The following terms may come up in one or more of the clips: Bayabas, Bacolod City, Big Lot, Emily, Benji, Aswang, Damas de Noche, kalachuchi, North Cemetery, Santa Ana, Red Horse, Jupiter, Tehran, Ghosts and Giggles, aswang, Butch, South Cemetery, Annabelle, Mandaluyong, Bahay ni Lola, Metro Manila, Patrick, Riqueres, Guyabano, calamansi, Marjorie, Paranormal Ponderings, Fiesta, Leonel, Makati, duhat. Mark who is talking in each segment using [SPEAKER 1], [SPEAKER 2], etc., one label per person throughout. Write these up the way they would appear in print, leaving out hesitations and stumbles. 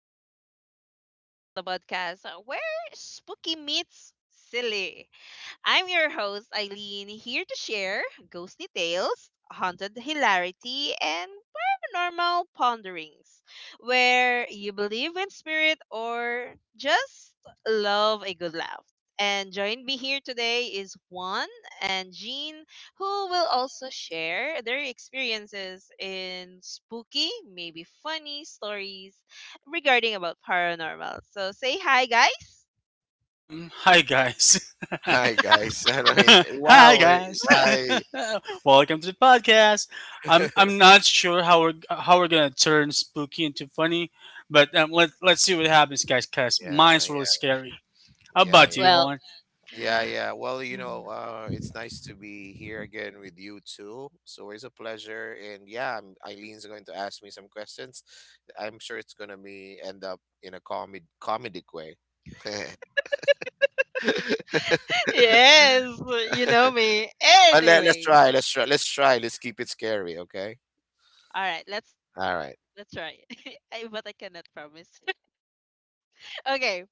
[SPEAKER 1] and Giggles, the podcast, where spooky meets silly. I'm your host Eileen, here to share ghostly tales, haunted hilarity, and Paranormal Ponderings, where you believe in spirit or just love a good laugh. And join me here today is Juan and Jean, who will also share their experiences in spooky, maybe funny stories regarding about paranormal. So say hi, guys.
[SPEAKER 2] Hi guys.
[SPEAKER 3] Hi guys. I mean,
[SPEAKER 2] Hi
[SPEAKER 3] wow. eh,
[SPEAKER 2] guys.
[SPEAKER 3] I
[SPEAKER 2] Welcome to the podcast. I'm I'm not sure how we're gonna turn spooky into funny, but let's see what happens, guys. Cause
[SPEAKER 3] yeah,
[SPEAKER 2] mine's really
[SPEAKER 3] yeah,
[SPEAKER 2] scary. How
[SPEAKER 3] yeah,
[SPEAKER 2] about
[SPEAKER 3] yeah,
[SPEAKER 2] you,
[SPEAKER 1] Well,
[SPEAKER 2] Juan?
[SPEAKER 3] yeah. Well, it's nice to be here again with you too. It's always a pleasure. And yeah, I'm, Eileen's going to ask me some questions. I'm sure it's gonna be end up in a comedy comedic way.
[SPEAKER 1] yes, you know me.
[SPEAKER 3] But let's
[SPEAKER 1] Anyways,
[SPEAKER 3] try. Let's try. Let's try. Let's keep it scary. Okay.
[SPEAKER 1] all right, let's
[SPEAKER 3] All right.
[SPEAKER 1] let's try it. But I cannot promise. Okay,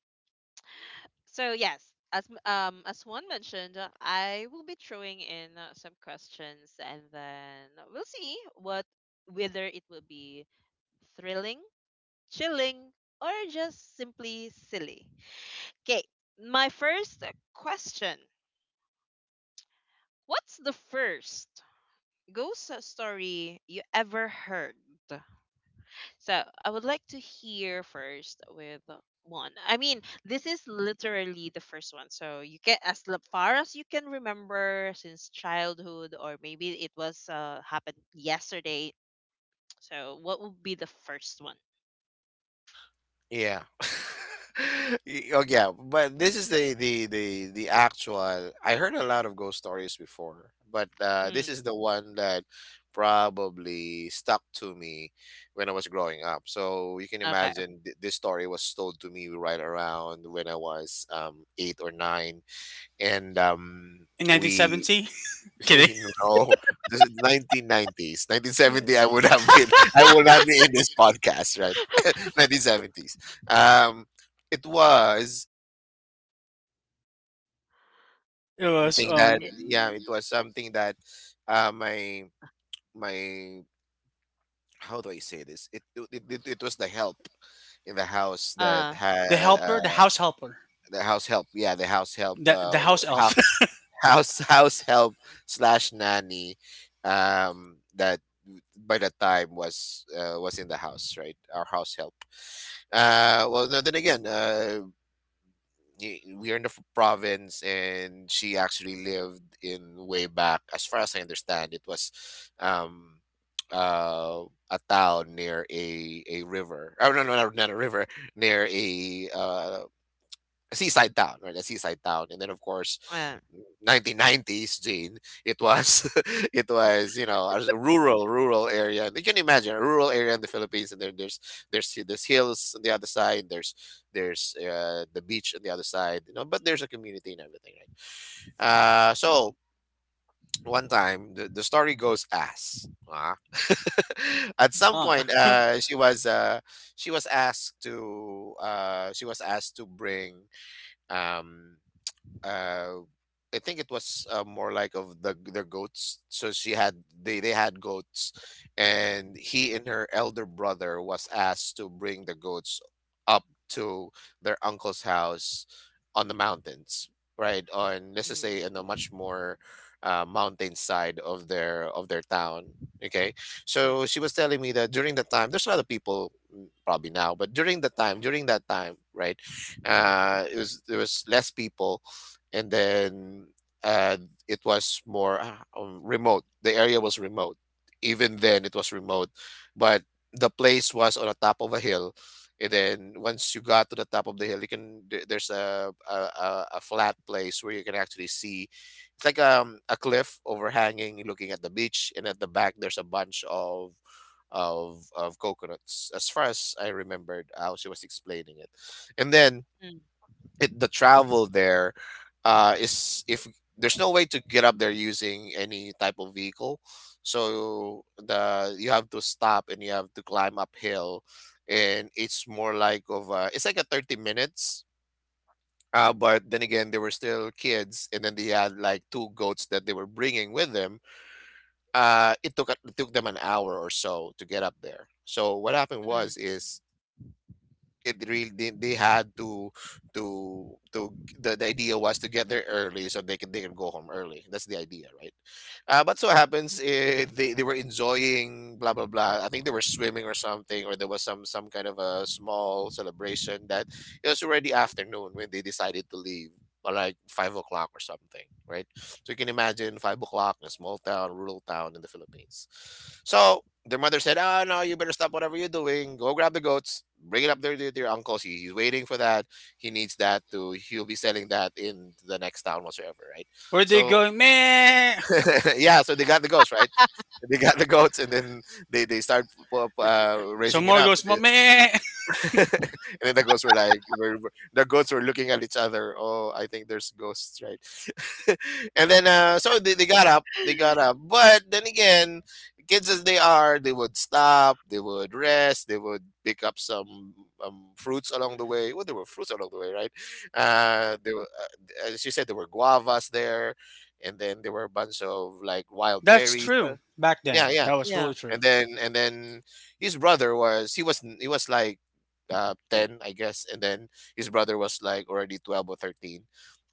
[SPEAKER 1] so yes, as one mentioned, I will be throwing in some questions, and then we'll see what whether it will be thrilling, chilling, or just simply silly. Okay, my first question: What's the first ghost story you ever heard? So I would like to hear first with one. I mean, this is literally the first one. So you get as far as you can remember since childhood, or maybe it was happened yesterday. So what would be the first one?
[SPEAKER 3] Yeah. Oh yeah, but this is the actual. I heard a lot of ghost stories before, but this
[SPEAKER 1] Mm,
[SPEAKER 3] is the one that probably stuck to me when I was growing up. So you can
[SPEAKER 1] okay.
[SPEAKER 3] imagine this story was told to me right around when I was eight or nine, and
[SPEAKER 2] In
[SPEAKER 3] we
[SPEAKER 2] 1970. Kidding.
[SPEAKER 3] you know, this is 1990s. 1970,
[SPEAKER 1] Mm.
[SPEAKER 3] I would have been, I would not be in this podcast, right? 1970s. Um, it was
[SPEAKER 2] It was
[SPEAKER 3] something that,
[SPEAKER 1] It,
[SPEAKER 3] yeah, it was something that uh, my, my, how do I say this? It was the help in the house that
[SPEAKER 1] uh,
[SPEAKER 2] the
[SPEAKER 3] had
[SPEAKER 2] helper, the house helper,
[SPEAKER 3] the house help. Yeah, the house help.
[SPEAKER 2] the the house elf.
[SPEAKER 3] Half house house help slash nanny that by that time was in the house, right? Our house help. Well no, then again, we are in the province, and she actually lived in, way back as far as I understand, it was um uh a town near a river. Oh no, no, no, not a river. Near a seaside town, right? The seaside town. And then, of course,
[SPEAKER 1] uh,
[SPEAKER 3] 1990s, Jane. It was, it was, you know, a rural, rural area. And you can imagine a rural area in the Philippines, and then there's hills on the other side. There's the beach on the other side, you know. But there's a community and everything, right? So one time, the story goes as, at some
[SPEAKER 2] ah,
[SPEAKER 3] point, she was asked to she was asked to bring um, uh I think it was, more like of the, their goats. So she had, they had goats, and he and her elder brother was asked to bring the goats up to their uncle's house on the mountains, right? On, let's just
[SPEAKER 1] mm,
[SPEAKER 3] say, in a much more mountain side of their town. Okay, so she
[SPEAKER 1] mm,
[SPEAKER 3] was telling me that during the time there's a lot of people, mm, probably now, but during the time, during that time, right, it was there was less people. And then uh, it was more remote. The area was remote. Even then, it was remote, but the place was on the top of a hill. And then, once you got to the top of the hill, you can, there's a, a flat place where you can actually see. It's like a cliff overhanging, looking at the beach, and at the back there's a bunch of coconuts, as far as I remembered, how she was explaining it. And then
[SPEAKER 1] mm,
[SPEAKER 3] it, the travel there, is if there's no way to get up there using any type of vehicle, so the you have to stop and you have to climb uphill, and it's more like of a, it's like a 30 minutes, but then again, they were still kids, and then they had like two goats that they were bringing with them. It took them an hour or so to get up there. So what happened
[SPEAKER 1] mm,
[SPEAKER 3] was, is it really, they had to to the idea was to get there early so they can, they can go home early. That's the idea, right? But so happens, they were enjoying, blah blah blah, I think they were swimming or something, or there was some kind of a small celebration, that it was already afternoon when they decided to leave, like 5 o'clock or something, right? So you can imagine 5 o'clock in a small town, rural town in the Philippines. So their mother said, "Ah, no, you better stop whatever you're doing. Go grab the goats, bring it up there to your uncles. He's waiting for that. He needs that to. He'll be selling that in the next town whatsoever, right?
[SPEAKER 2] where they
[SPEAKER 3] So
[SPEAKER 2] going, man?
[SPEAKER 3] yeah, so they got the goats, right? They got the goats, and then they start
[SPEAKER 2] So
[SPEAKER 3] raising it
[SPEAKER 2] more
[SPEAKER 3] up.
[SPEAKER 2] goes, man.
[SPEAKER 3] And then the ghosts were like, the ghosts were looking at each other. Oh, I think there's ghosts, right? And then, so they got up, they got up. But then again, kids as they are, they would stop, they would rest, they would pick up some fruits along the way. Well, there were fruits along the way, right?
[SPEAKER 1] uh,
[SPEAKER 3] As you said, there were guavas there, and then there were a bunch of like wild
[SPEAKER 2] That's
[SPEAKER 3] berries.
[SPEAKER 2] true. Back
[SPEAKER 3] Yeah,
[SPEAKER 2] then,
[SPEAKER 3] yeah,
[SPEAKER 2] that was
[SPEAKER 1] yeah.
[SPEAKER 2] really
[SPEAKER 3] and
[SPEAKER 2] true.
[SPEAKER 3] then and then his brother was, he was like 10, I guess. And then his brother was like already 12 or 13,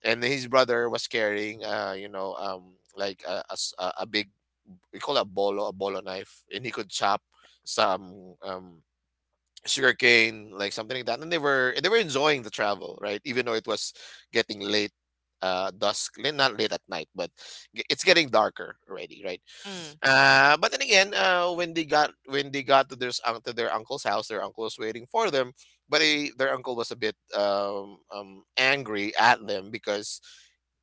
[SPEAKER 3] and his brother was carrying, you know, like a a big, we call it a bolo, a bolo knife, and he could chop some sugarcane, like something like that. And they were enjoying the travel, right? Even though it was getting late, dusk, not late at night, but it's getting darker already, right?
[SPEAKER 1] Mm,
[SPEAKER 3] But then again, when they got to their to their uncle's house, their uncle was waiting for them. But their uncle was a bit angry at them because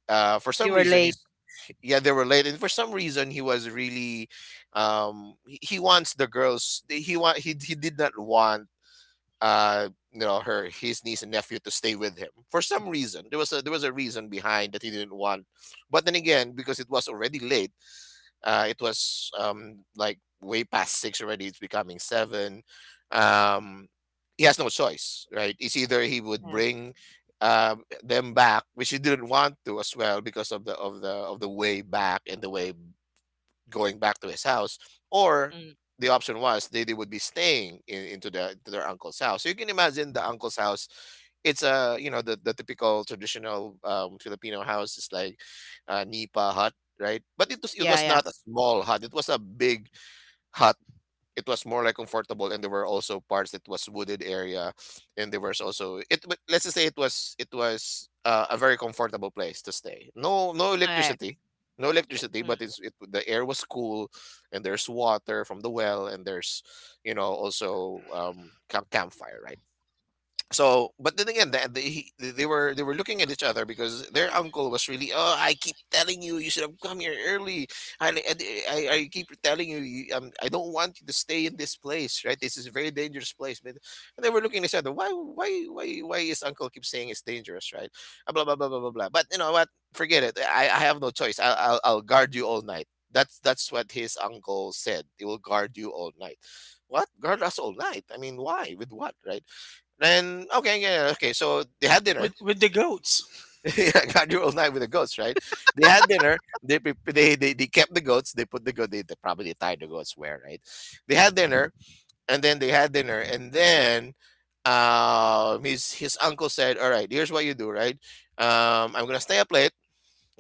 [SPEAKER 3] for some
[SPEAKER 1] you were
[SPEAKER 3] reason
[SPEAKER 1] late.
[SPEAKER 3] he's yeah, they were late. And for some reason he was really he wants the girls, he did not want, you know, her his niece and nephew to stay with him. For some reason there was a, there was a reason behind that he didn't want. But then again, because it was already late, it was like way past six already, it's becoming seven. um he has no choice, right? It's either he would
[SPEAKER 1] Yeah.
[SPEAKER 3] bring uh, them back, which he didn't want to as well, because of the of the of the way back and the way going back to his house, or
[SPEAKER 1] Mm,
[SPEAKER 3] the option was they would be staying in, into their uncle's house. So you can imagine the uncle's house. It's a, you know, the typical traditional Filipino house is like a nipa hut, right? But it was, it
[SPEAKER 1] yeah.
[SPEAKER 3] was
[SPEAKER 1] Yeah.
[SPEAKER 3] not a small hut. It was a big hut. It was more like comfortable, and there were also parts that was wooded area, and there was also, let's just say it was, it was a very comfortable place to stay. No, no
[SPEAKER 1] Okay.
[SPEAKER 3] electricity. No electricity,
[SPEAKER 1] Mm,
[SPEAKER 3] but it's, it, the air was cool, and there's water from the well, and there's, you know, also campfire, right? So, but then again, that they were, they were looking at each other, because their uncle was really, oh, I keep telling you, you should have come here early. I I, I keep telling you, you, I don't want you to stay in this place, right? This is a very dangerous place. But, and they were looking at each other. Why why is uncle keep saying it's dangerous, right? Blah blah blah blah blah blah. But you know what? Forget it. I have no choice. I'll guard you all night. That's what his uncle said. They will guard you all night. What, guard us all night? I mean, why? With what, right? Then okay, yeah, okay. So they had dinner.
[SPEAKER 2] With the goats.
[SPEAKER 3] Yeah, God, you're all night with the goats, right? They had dinner. They kept the goats. They put the goat. They probably tied the goats where, right? They had dinner, and then they had dinner, and then his uncle said, "All right, here's what you do, right? I'm gonna stay up late,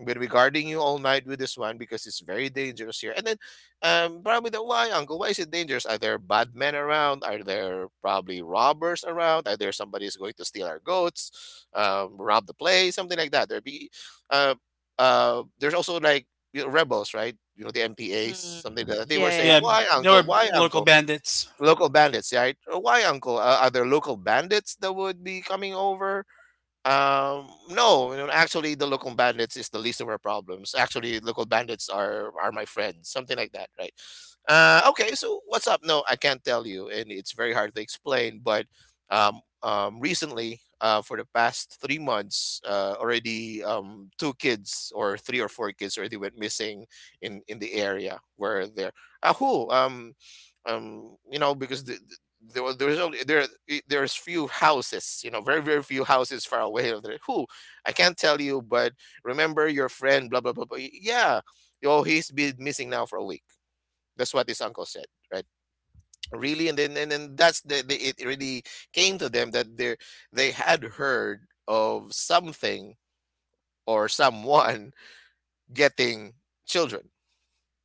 [SPEAKER 3] been regarding you all night with this one, because it's very dangerous here. And then, probably the, why, Uncle, why is it dangerous? Are there bad men around? Are there probably robbers around? Are there somebody who's going to steal our goats, rob the place, something like that? There be, uh, there's also like, you know, rebels, right? You know the
[SPEAKER 1] mm,
[SPEAKER 3] MPAs,
[SPEAKER 1] mm.
[SPEAKER 3] something like that, they were
[SPEAKER 1] Yeah.
[SPEAKER 3] saying,
[SPEAKER 2] Yeah,
[SPEAKER 1] Yeah.
[SPEAKER 3] "Why,
[SPEAKER 2] there
[SPEAKER 3] Uncle?
[SPEAKER 2] were
[SPEAKER 3] Why,
[SPEAKER 2] local
[SPEAKER 3] Uncle?
[SPEAKER 2] bandits.
[SPEAKER 3] Local bandits, right? Why, Uncle? Are there local bandits that would be coming over? No, you know, actually, the local bandits is the least of our problems. Actually, local bandits are my friends, something like that, right? Okay, so what's up? No, I can't tell you, and it's very hard to explain. But recently, for the past 3 months, already two kids or three or four kids already went missing in the area where they're. Ah, who? You know, because there was there's only there I- there's few houses, you know, very few houses far away of there who I can't tell you but remember your friend blah blah blah, blah. Yeah, oh, he's been missing now for a week. That's what his uncle said, right? Really? And then that's the, it really came to them that they had heard of something or someone getting children,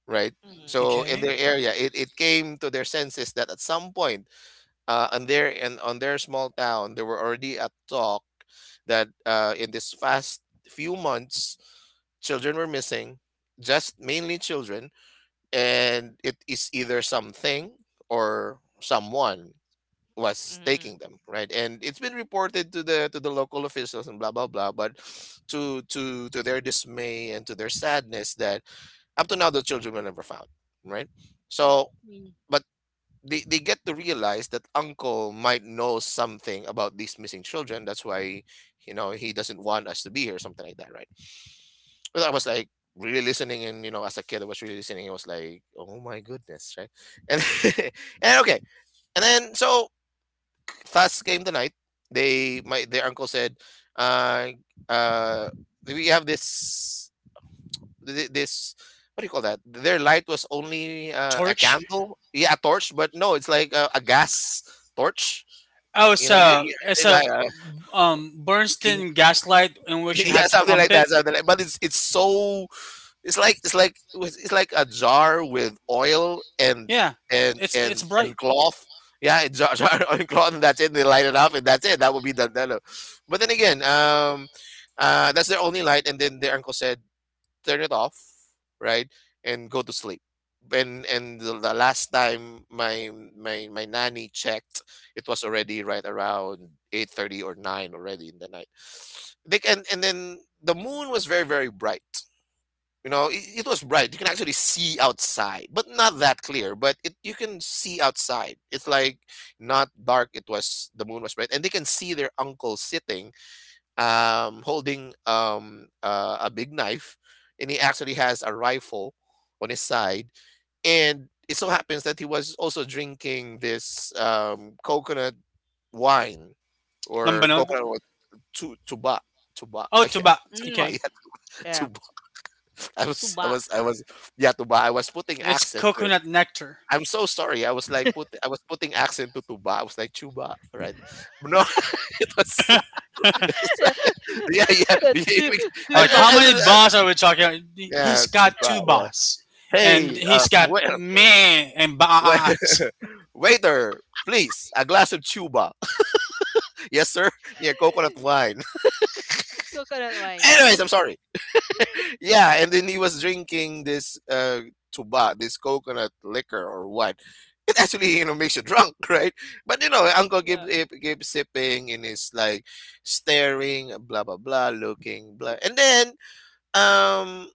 [SPEAKER 3] right?
[SPEAKER 1] Mm,
[SPEAKER 3] So in their
[SPEAKER 2] Okay.
[SPEAKER 3] area it came to their senses that at some point on there and on their small town, there were already a talk that in this fast few months, children were missing, just mainly children, and it is either something or someone was
[SPEAKER 1] mm,
[SPEAKER 3] taking them, right? And it's been reported to the local officials and blah blah blah, but to their dismay and to their sadness that up to now the children were never found, right? So,
[SPEAKER 1] mm,
[SPEAKER 3] but they get to realize that uncle might know something about these missing children, that's why, you know, he doesn't want us to be here, something like that, right? But I was like really listening, and, you know, as a kid I was really listening. I was like, oh my goodness, right? And and okay. And then so fast came the night. They, my, their uncle said, uh uh we have this this, what do you call that? Their light was only a
[SPEAKER 2] Torch.
[SPEAKER 3] candle, yeah, a torch, but no, it's like a gas torch.
[SPEAKER 2] Oh, it's
[SPEAKER 3] You
[SPEAKER 1] yeah.
[SPEAKER 3] know,
[SPEAKER 1] Yeah.
[SPEAKER 2] a
[SPEAKER 3] yeah,
[SPEAKER 2] it's
[SPEAKER 3] it's
[SPEAKER 2] a
[SPEAKER 3] like king,
[SPEAKER 2] Bernstein gaslight in which you
[SPEAKER 3] yeah,
[SPEAKER 2] had to
[SPEAKER 3] something
[SPEAKER 2] pump
[SPEAKER 3] like
[SPEAKER 2] it.
[SPEAKER 3] that, something like. But it's so it's like a jar with oil and
[SPEAKER 2] Yeah,
[SPEAKER 3] and
[SPEAKER 2] it's
[SPEAKER 3] and
[SPEAKER 2] bright.
[SPEAKER 3] and cloth. Yeah, a jar, jar and cloth, and that's it. They light it up, and that's it. That would be but then again, that's their only light. And then their uncle said, turn it off, right, and go to sleep. And the last time my nanny checked, it was already right around 8:30 or nine already in the night. They can, and then the moon was very bright. You know, it was bright. You can actually see outside, but not that clear. But it, you can see outside. It's like not dark. It was, the moon was bright, and they can see their uncle sitting holding a big knife, and he actually has a rifle on his side. And it so happens that he was also drinking this coconut wine or
[SPEAKER 2] Lambanog.
[SPEAKER 3] coconut or tu tuba, tuba
[SPEAKER 2] Oh,
[SPEAKER 3] yeah
[SPEAKER 2] tuba.
[SPEAKER 3] tuba
[SPEAKER 2] Okay,
[SPEAKER 1] Mm,
[SPEAKER 3] yeah
[SPEAKER 1] yeah.
[SPEAKER 3] tuba. I was I
[SPEAKER 1] Tuba.
[SPEAKER 3] was I was yeah, tuba. I was putting
[SPEAKER 2] it's
[SPEAKER 3] accent to it.
[SPEAKER 2] coconut nectar.
[SPEAKER 3] I'm so sorry. I was putting accent to tuba. I was like chuba, right. No, it was yeah, yeah.
[SPEAKER 1] Tu
[SPEAKER 2] Like how
[SPEAKER 1] tuba.
[SPEAKER 3] I don't know.
[SPEAKER 2] many bars are we talking about? He's
[SPEAKER 3] Yeah, too
[SPEAKER 2] got two
[SPEAKER 3] proud. Yeah.
[SPEAKER 2] bars, and
[SPEAKER 3] Hey,
[SPEAKER 2] he's got
[SPEAKER 3] wait,
[SPEAKER 2] me and
[SPEAKER 3] wait,
[SPEAKER 2] bars.
[SPEAKER 3] waiter, please, a glass of chuba. Yes, sir. Yeah, coconut wine.
[SPEAKER 1] Coconut wine, yes.
[SPEAKER 3] Anyways, I'm sorry. Yeah, and then he was drinking this chuba, this coconut liquor or wine. It actually, you know, makes you drunk, right? But you know, Uncle Gib
[SPEAKER 1] Yeah.
[SPEAKER 3] keeps sipping and he's like staring, blah blah blah, looking blah, and then um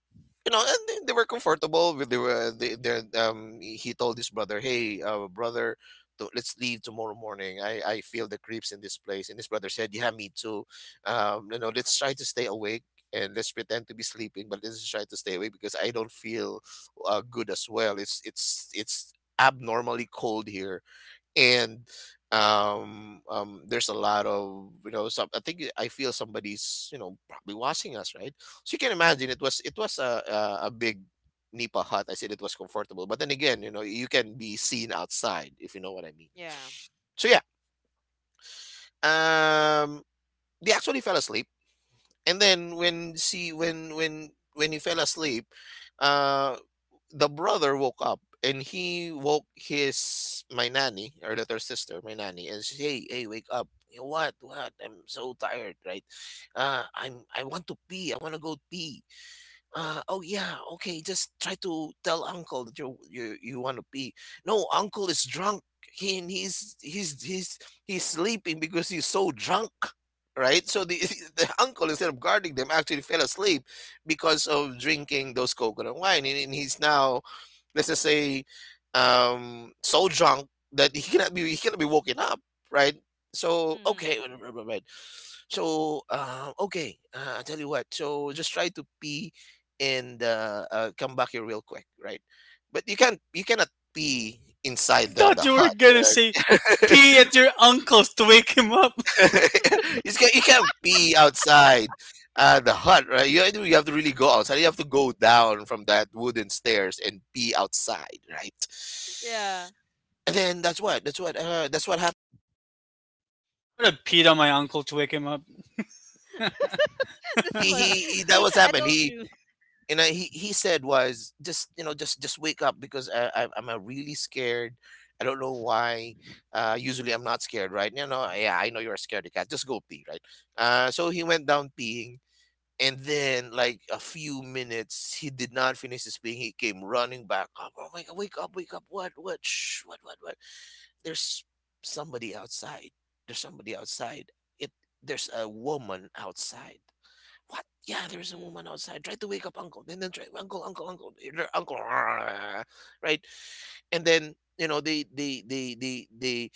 [SPEAKER 3] you know, and they were comfortable with the they, their he told his brother, hey, brother, let's leave tomorrow morning. I feel the creeps in this place. And his brother said, yeah, me too. You know, let's try to stay awake, and let's pretend to be sleeping, but let's try to stay awake, because I don't feel good as well. It's it's abnormally cold here. And um, there's a lot of, you know, some, I think I feel somebody's, you know, probably watching us, right? So you can imagine, it was, it was a a big nipa hut. I said it was comfortable, but then again, you know, you can be seen outside, if you know what I mean.
[SPEAKER 1] Yeah.
[SPEAKER 3] So yeah, um they actually fell asleep. And then when she when he fell asleep, uh, the brother woke up and he woke his, my nanny, or that, her sister, my nanny, and she, hey, hey, wake up. "You know what, I'm so tired, right? I want to pee, I want to go pee." Oh, yeah, okay. Just try to tell uncle that you you want to pee. No, uncle is drunk. He's he's sleeping because he's so drunk, right? So the the uncle, instead of guarding them, actually fell asleep because of drinking those coconut wine, and he's now, let's just say, so drunk that he cannot be woken up, right? So
[SPEAKER 1] Mm-hmm.
[SPEAKER 3] okay, so, okay, I tell you what. So just try to pee and come back here real quick, right? But you can't, you cannot pee
[SPEAKER 2] I
[SPEAKER 3] inside the
[SPEAKER 2] thought you were
[SPEAKER 3] hut.
[SPEAKER 2] gonna
[SPEAKER 3] Right?
[SPEAKER 2] say pee at your uncle's to wake him up.
[SPEAKER 3] You can't, you can't pee outside the hut, right? You, you have to really go outside. You have to go down from that wooden stairs and pee outside, right?
[SPEAKER 1] Yeah.
[SPEAKER 3] And then that's what, that's what, that's what happened.
[SPEAKER 2] I would have peed on my uncle to wake him up.
[SPEAKER 1] That's funny.
[SPEAKER 3] He that
[SPEAKER 1] See,
[SPEAKER 3] was
[SPEAKER 1] I
[SPEAKER 3] happened.
[SPEAKER 1] told
[SPEAKER 3] He,
[SPEAKER 1] you.
[SPEAKER 3] and I, he said was, just, you know, just wake up because I'm really scared. I don't know why. Usually I'm not scared, right? You know, yeah, I know you're scared, cat. Just go pee, right? So he went down peeing, and then like a few minutes, he did not finish his peeing. He came running back up. Oh my god! Wake up! Wake up! What? What? Shh! What? What? What? There's somebody outside. There's somebody outside. It. There's a woman outside. What? Yeah, there's a
[SPEAKER 1] Mm.
[SPEAKER 3] woman outside. Try to wake up uncle. Then try, uncle, uncle, uncle, your uncle. Right? And then, you know,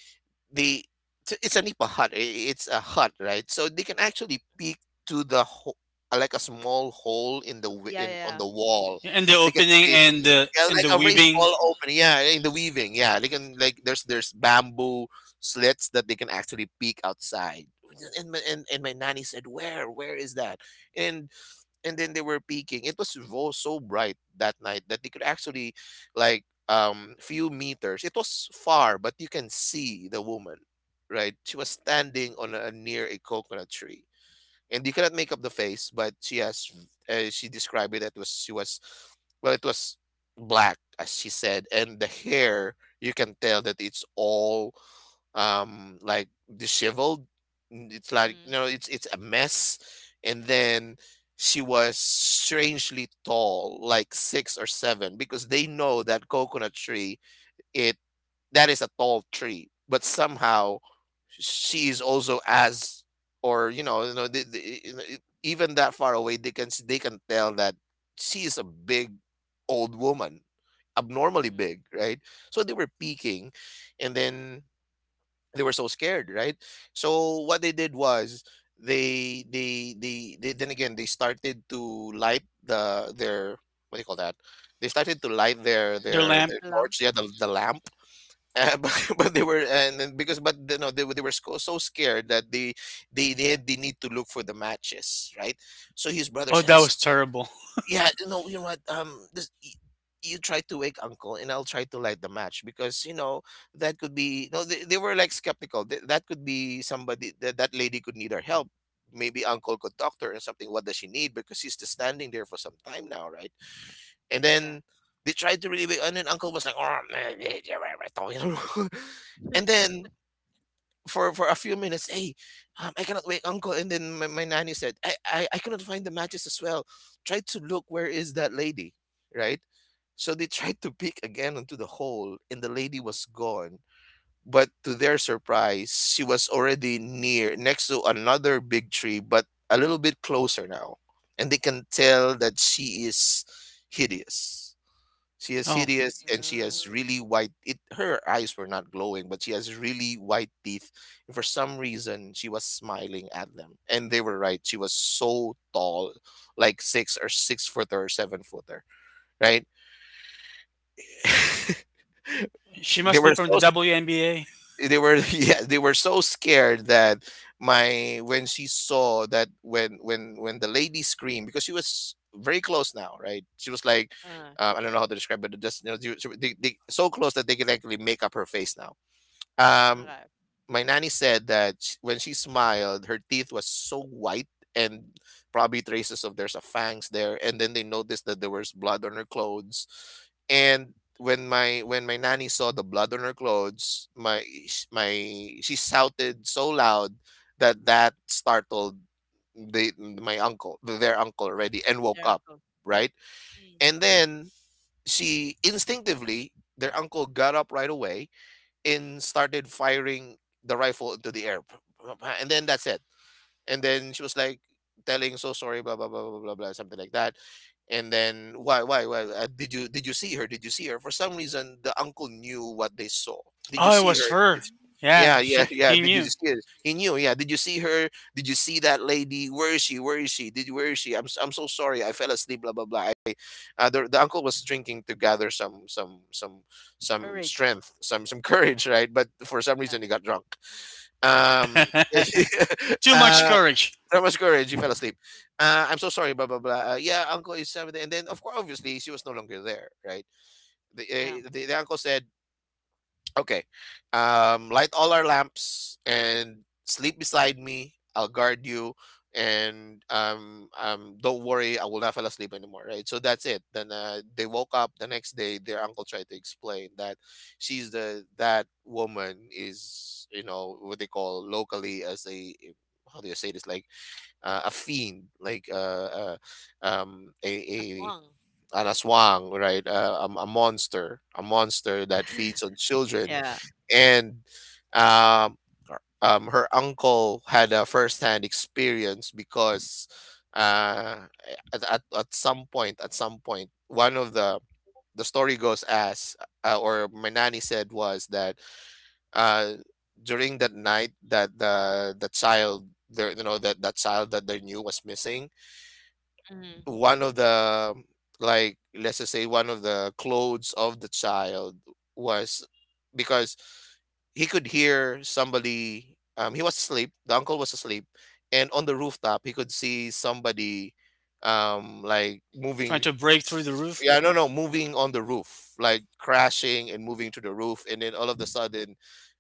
[SPEAKER 3] they t- it's a nipa hut. It's a hut, right? So they can actually peek to the like a small hole in the
[SPEAKER 1] Yeah,
[SPEAKER 3] in on the
[SPEAKER 1] yeah.
[SPEAKER 3] wall.
[SPEAKER 2] And the
[SPEAKER 3] They can
[SPEAKER 2] opening
[SPEAKER 3] peek.
[SPEAKER 2] and the
[SPEAKER 3] Yeah,
[SPEAKER 2] and
[SPEAKER 3] like
[SPEAKER 2] the
[SPEAKER 3] a very
[SPEAKER 2] weaving
[SPEAKER 3] small opening. Yeah, in the weaving. Yeah, they can like, there's, bamboo slits that they can actually peek outside. And and my nanny said, "Where? Where is that?" and and then they were peeking. It was so bright that night that they could actually, like, few meters. It was far, but you can see the woman, right? She was standing on, a near a coconut tree. And you cannot make up the face, but she has she described it, that was, she was, well, it was black, as she said, and the hair, you can tell that it's all um like disheveled. It's like, you
[SPEAKER 1] Mm.
[SPEAKER 3] know, it's a mess. And then she was strangely tall, like six or seven, because they know that coconut tree, it, that is a tall tree, but somehow she is also as, or, you know, you know, you know, even that far away they can they can tell that she is a big old woman, abnormally
[SPEAKER 1] Mm.
[SPEAKER 3] big, right? So they were peeking, and then they were so scared, right? So what they did was they then again, they started to light their, what do you call that? They started to light
[SPEAKER 2] their lamp.
[SPEAKER 3] their
[SPEAKER 1] The lump.
[SPEAKER 3] torch, yeah, the lamp. But they were, and then because, but, you know, they were so, so scared that they need to look for the matches, right? So his brother
[SPEAKER 2] Oh,
[SPEAKER 3] said,
[SPEAKER 2] that was terrible.
[SPEAKER 3] yeah, no, you know what? This, you try to wake uncle, and I'll try to light the match, because, you know, that could be. No, they were like skeptical. That could be somebody, that that lady could need our help. Maybe uncle could talk to her or something. What does she need? Because she's just standing there for some time now, right? And
[SPEAKER 1] Yeah.
[SPEAKER 3] then they tried to really wake, and then uncle was like, "Oh, man, eh, eh, eh, eh, eh," you know?
[SPEAKER 1] Mm.
[SPEAKER 3] And then for a few minutes. Hey, I cannot wait, uncle. And then my nanny said, I cannot find the matches as well. Try to look where is that lady, right? So they tried to peek again into the hole, and the lady was gone. But to their surprise, she was already near next to another big tree, but a little bit closer now, and they can tell that she is hideous. She is
[SPEAKER 2] Oh,
[SPEAKER 3] hideous and she
[SPEAKER 1] Uh,
[SPEAKER 3] has really white it her eyes were not glowing, but she has really white teeth. And for some reason she was smiling at them. And they were right. She was so tall, like six or six footer or seven footer, right?
[SPEAKER 2] she
[SPEAKER 3] they
[SPEAKER 2] must be
[SPEAKER 3] were
[SPEAKER 2] from the
[SPEAKER 3] so
[SPEAKER 2] WNBA.
[SPEAKER 3] they were yeah they were so scared that my when she saw that when the lady screamed because she was very close now, right? She was like I don't know how to describe it, just so close that they could actually make up her face now. um
[SPEAKER 1] okay.
[SPEAKER 3] my nanny said that sh when she smiled, her teeth was so white and probably traces of there's a fangs there. And then they noticed that there was blood on her clothes. And when my nanny saw the blood on her clothes, my sh- my she shouted so loud that startled the my uncle, their uncle
[SPEAKER 1] Their,
[SPEAKER 3] already, and woke
[SPEAKER 1] their
[SPEAKER 3] up,
[SPEAKER 1] uncle.
[SPEAKER 3] right?
[SPEAKER 1] Mm.
[SPEAKER 3] And then she instinctively, their uncle got up right away and started firing the rifle into the air. And then that's it. And then she was like telling, "So sorry, blah blah blah blah blah blah," something like that. And then why did you see her? Did you see her? For some reason, the uncle knew what they saw. Did you
[SPEAKER 2] Oh, it
[SPEAKER 3] see
[SPEAKER 2] was
[SPEAKER 3] her?
[SPEAKER 2] her.
[SPEAKER 1] Mm.
[SPEAKER 2] Yeah,
[SPEAKER 3] Yeah,
[SPEAKER 2] she,
[SPEAKER 3] yeah, yeah.
[SPEAKER 2] he
[SPEAKER 3] Did you
[SPEAKER 2] knew.
[SPEAKER 3] see her? He knew. Yeah. Did you see her? Did you see that lady? Where is she? Where is she? Did Where is she? I'm so sorry. I fell asleep. Blah blah blah. The uncle was drinking to gather some
[SPEAKER 1] Courage.
[SPEAKER 3] strength, some courage, right? But for some
[SPEAKER 1] Yeah.
[SPEAKER 3] reason he got drunk. Um,
[SPEAKER 2] Too much
[SPEAKER 3] uh,
[SPEAKER 2] courage
[SPEAKER 3] that much courage, you fell asleep. I'm so sorry, blah blah blah. Yeah, uncle is seven, and then of course, obviously, she was no longer there, right? The,
[SPEAKER 1] Yeah.
[SPEAKER 3] the uncle said, "Okay, light all our lamps and sleep beside me. I'll guard you, and don't worry, I will not fall asleep anymore." Right? So that's it. Then they woke up the next day. Their uncle tried to explain that she's the that woman is, you know, what they call locally as a, how do you say this, like a fiend, like a
[SPEAKER 1] Aswang.
[SPEAKER 3] an aswang, right? A a monster that feeds on
[SPEAKER 1] Yeah.
[SPEAKER 3] children, and um, her uncle had a first-hand experience because uh, at some point, one of the story goes as, or my nanny said, was that uh, during that night that the child there, you know, that that child that they knew was missing,
[SPEAKER 1] Mm.
[SPEAKER 3] one of the, like, let's just say one of the clothes of the child was, because he could hear somebody, he was asleep, the uncle was asleep, and on the rooftop he could see somebody, like
[SPEAKER 2] trying
[SPEAKER 3] moving.
[SPEAKER 2] to break through the roof.
[SPEAKER 3] Yeah, no, no, moving on the roof, like crashing and moving to the roof, and then all of the sudden,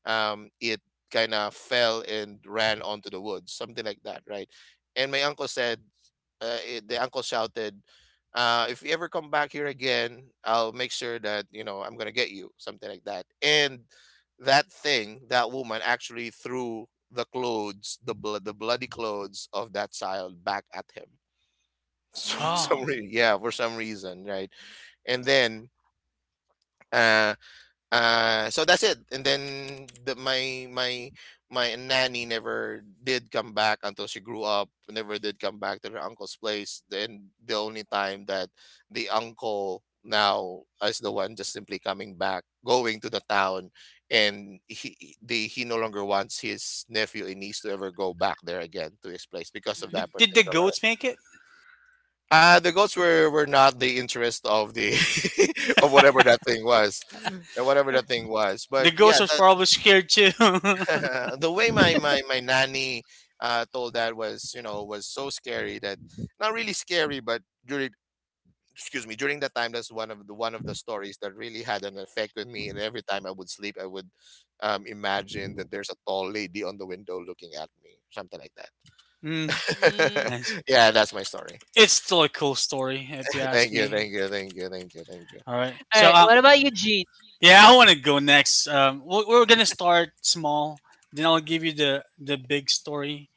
[SPEAKER 3] it kind of fell and ran onto the woods, something like that, right? And my uncle said, the uncle shouted, "If you ever come back here again, I'll make sure that, you know, I'm gonna get you," something like that. And that thing, that woman, actually threw the clothes, the blood, the bloody clothes of that child back at him.
[SPEAKER 2] Oh,
[SPEAKER 1] Mm.
[SPEAKER 3] Yeah, for some reason, right? And then uh so that's it. And then the, my nanny never did come back until she grew up, never did come back to her uncle's place. Then the only time that the uncle now is the one just simply coming back, going to the town, and he no longer wants his nephew and niece to ever go back there again to his place because of
[SPEAKER 2] did,
[SPEAKER 1] Mm.
[SPEAKER 3] that
[SPEAKER 2] did the
[SPEAKER 3] particular,
[SPEAKER 2] goats make it?
[SPEAKER 3] the goats were not the interest of the of whatever that thing was, whatever that thing was. But
[SPEAKER 2] The goats
[SPEAKER 3] yeah,
[SPEAKER 2] are probably scared too.
[SPEAKER 3] that, the way my nanny told that was, you know, was so scary that, not really scary, but during, excuse me, during that time, that's one of the stories that really had an effect with me. And every time I would sleep, I would imagine that there's a tall lady on the window looking at me, something like
[SPEAKER 2] mm,
[SPEAKER 1] Mm.
[SPEAKER 3] that.
[SPEAKER 2] Nice.
[SPEAKER 3] Yeah, that's my story.
[SPEAKER 2] It's still a cool story, if you ask
[SPEAKER 3] Thank you,
[SPEAKER 2] me.
[SPEAKER 3] thank you, thank you, thank you, thank
[SPEAKER 2] All right.
[SPEAKER 1] All
[SPEAKER 2] So,
[SPEAKER 1] right. What about you, G?
[SPEAKER 2] yeah, I want to go next. We're gonna start small, then I'll give you the big story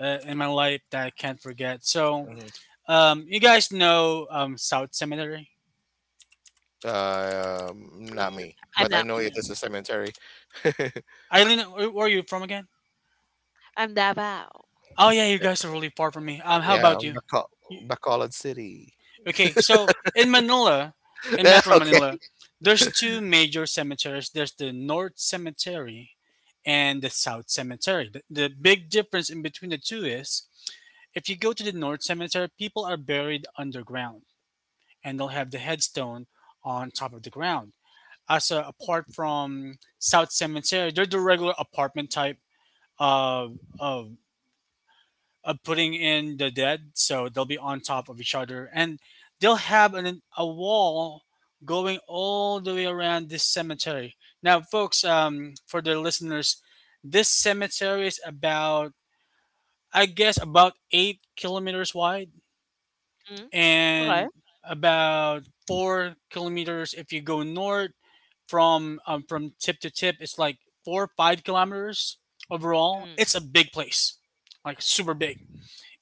[SPEAKER 2] in my life that I can't forget. So,
[SPEAKER 3] you.
[SPEAKER 2] you guys know South Cemetery?
[SPEAKER 3] Not
[SPEAKER 1] Yeah,
[SPEAKER 3] me,
[SPEAKER 1] I'm
[SPEAKER 3] but I
[SPEAKER 1] not.
[SPEAKER 3] know it
[SPEAKER 2] Yeah.
[SPEAKER 3] is a cemetery.
[SPEAKER 2] Eileen, where are you from again?
[SPEAKER 1] I'm Davao.
[SPEAKER 2] Oh, yeah, you guys are really far from me. How
[SPEAKER 3] Yeah,
[SPEAKER 2] about you?
[SPEAKER 3] Baco-
[SPEAKER 2] you?
[SPEAKER 3] Bacolod City.
[SPEAKER 2] Okay, so in Manila, in
[SPEAKER 3] Yeah,
[SPEAKER 2] Metro
[SPEAKER 3] okay.
[SPEAKER 2] Manila, there's two major cemeteries. There's the North Cemetery and the South Cemetery. The big difference in between the two is, if you go to the North Cemetery, people are buried underground and they'll have the headstone on top of the ground. Also, apart from South Cemetery, they're the regular apartment type of of of putting in the dead, so they'll be on top of each other, and they'll have a wall going all the way around this cemetery. Now, folks, for the listeners, this cemetery is about, I guess, about 8 km wide
[SPEAKER 1] Mm,
[SPEAKER 2] and
[SPEAKER 1] okay.
[SPEAKER 2] about 4 km if you go north from tip to tip. It's like 4 or 5 km overall.
[SPEAKER 1] Mm,
[SPEAKER 2] It's a big place, like super big.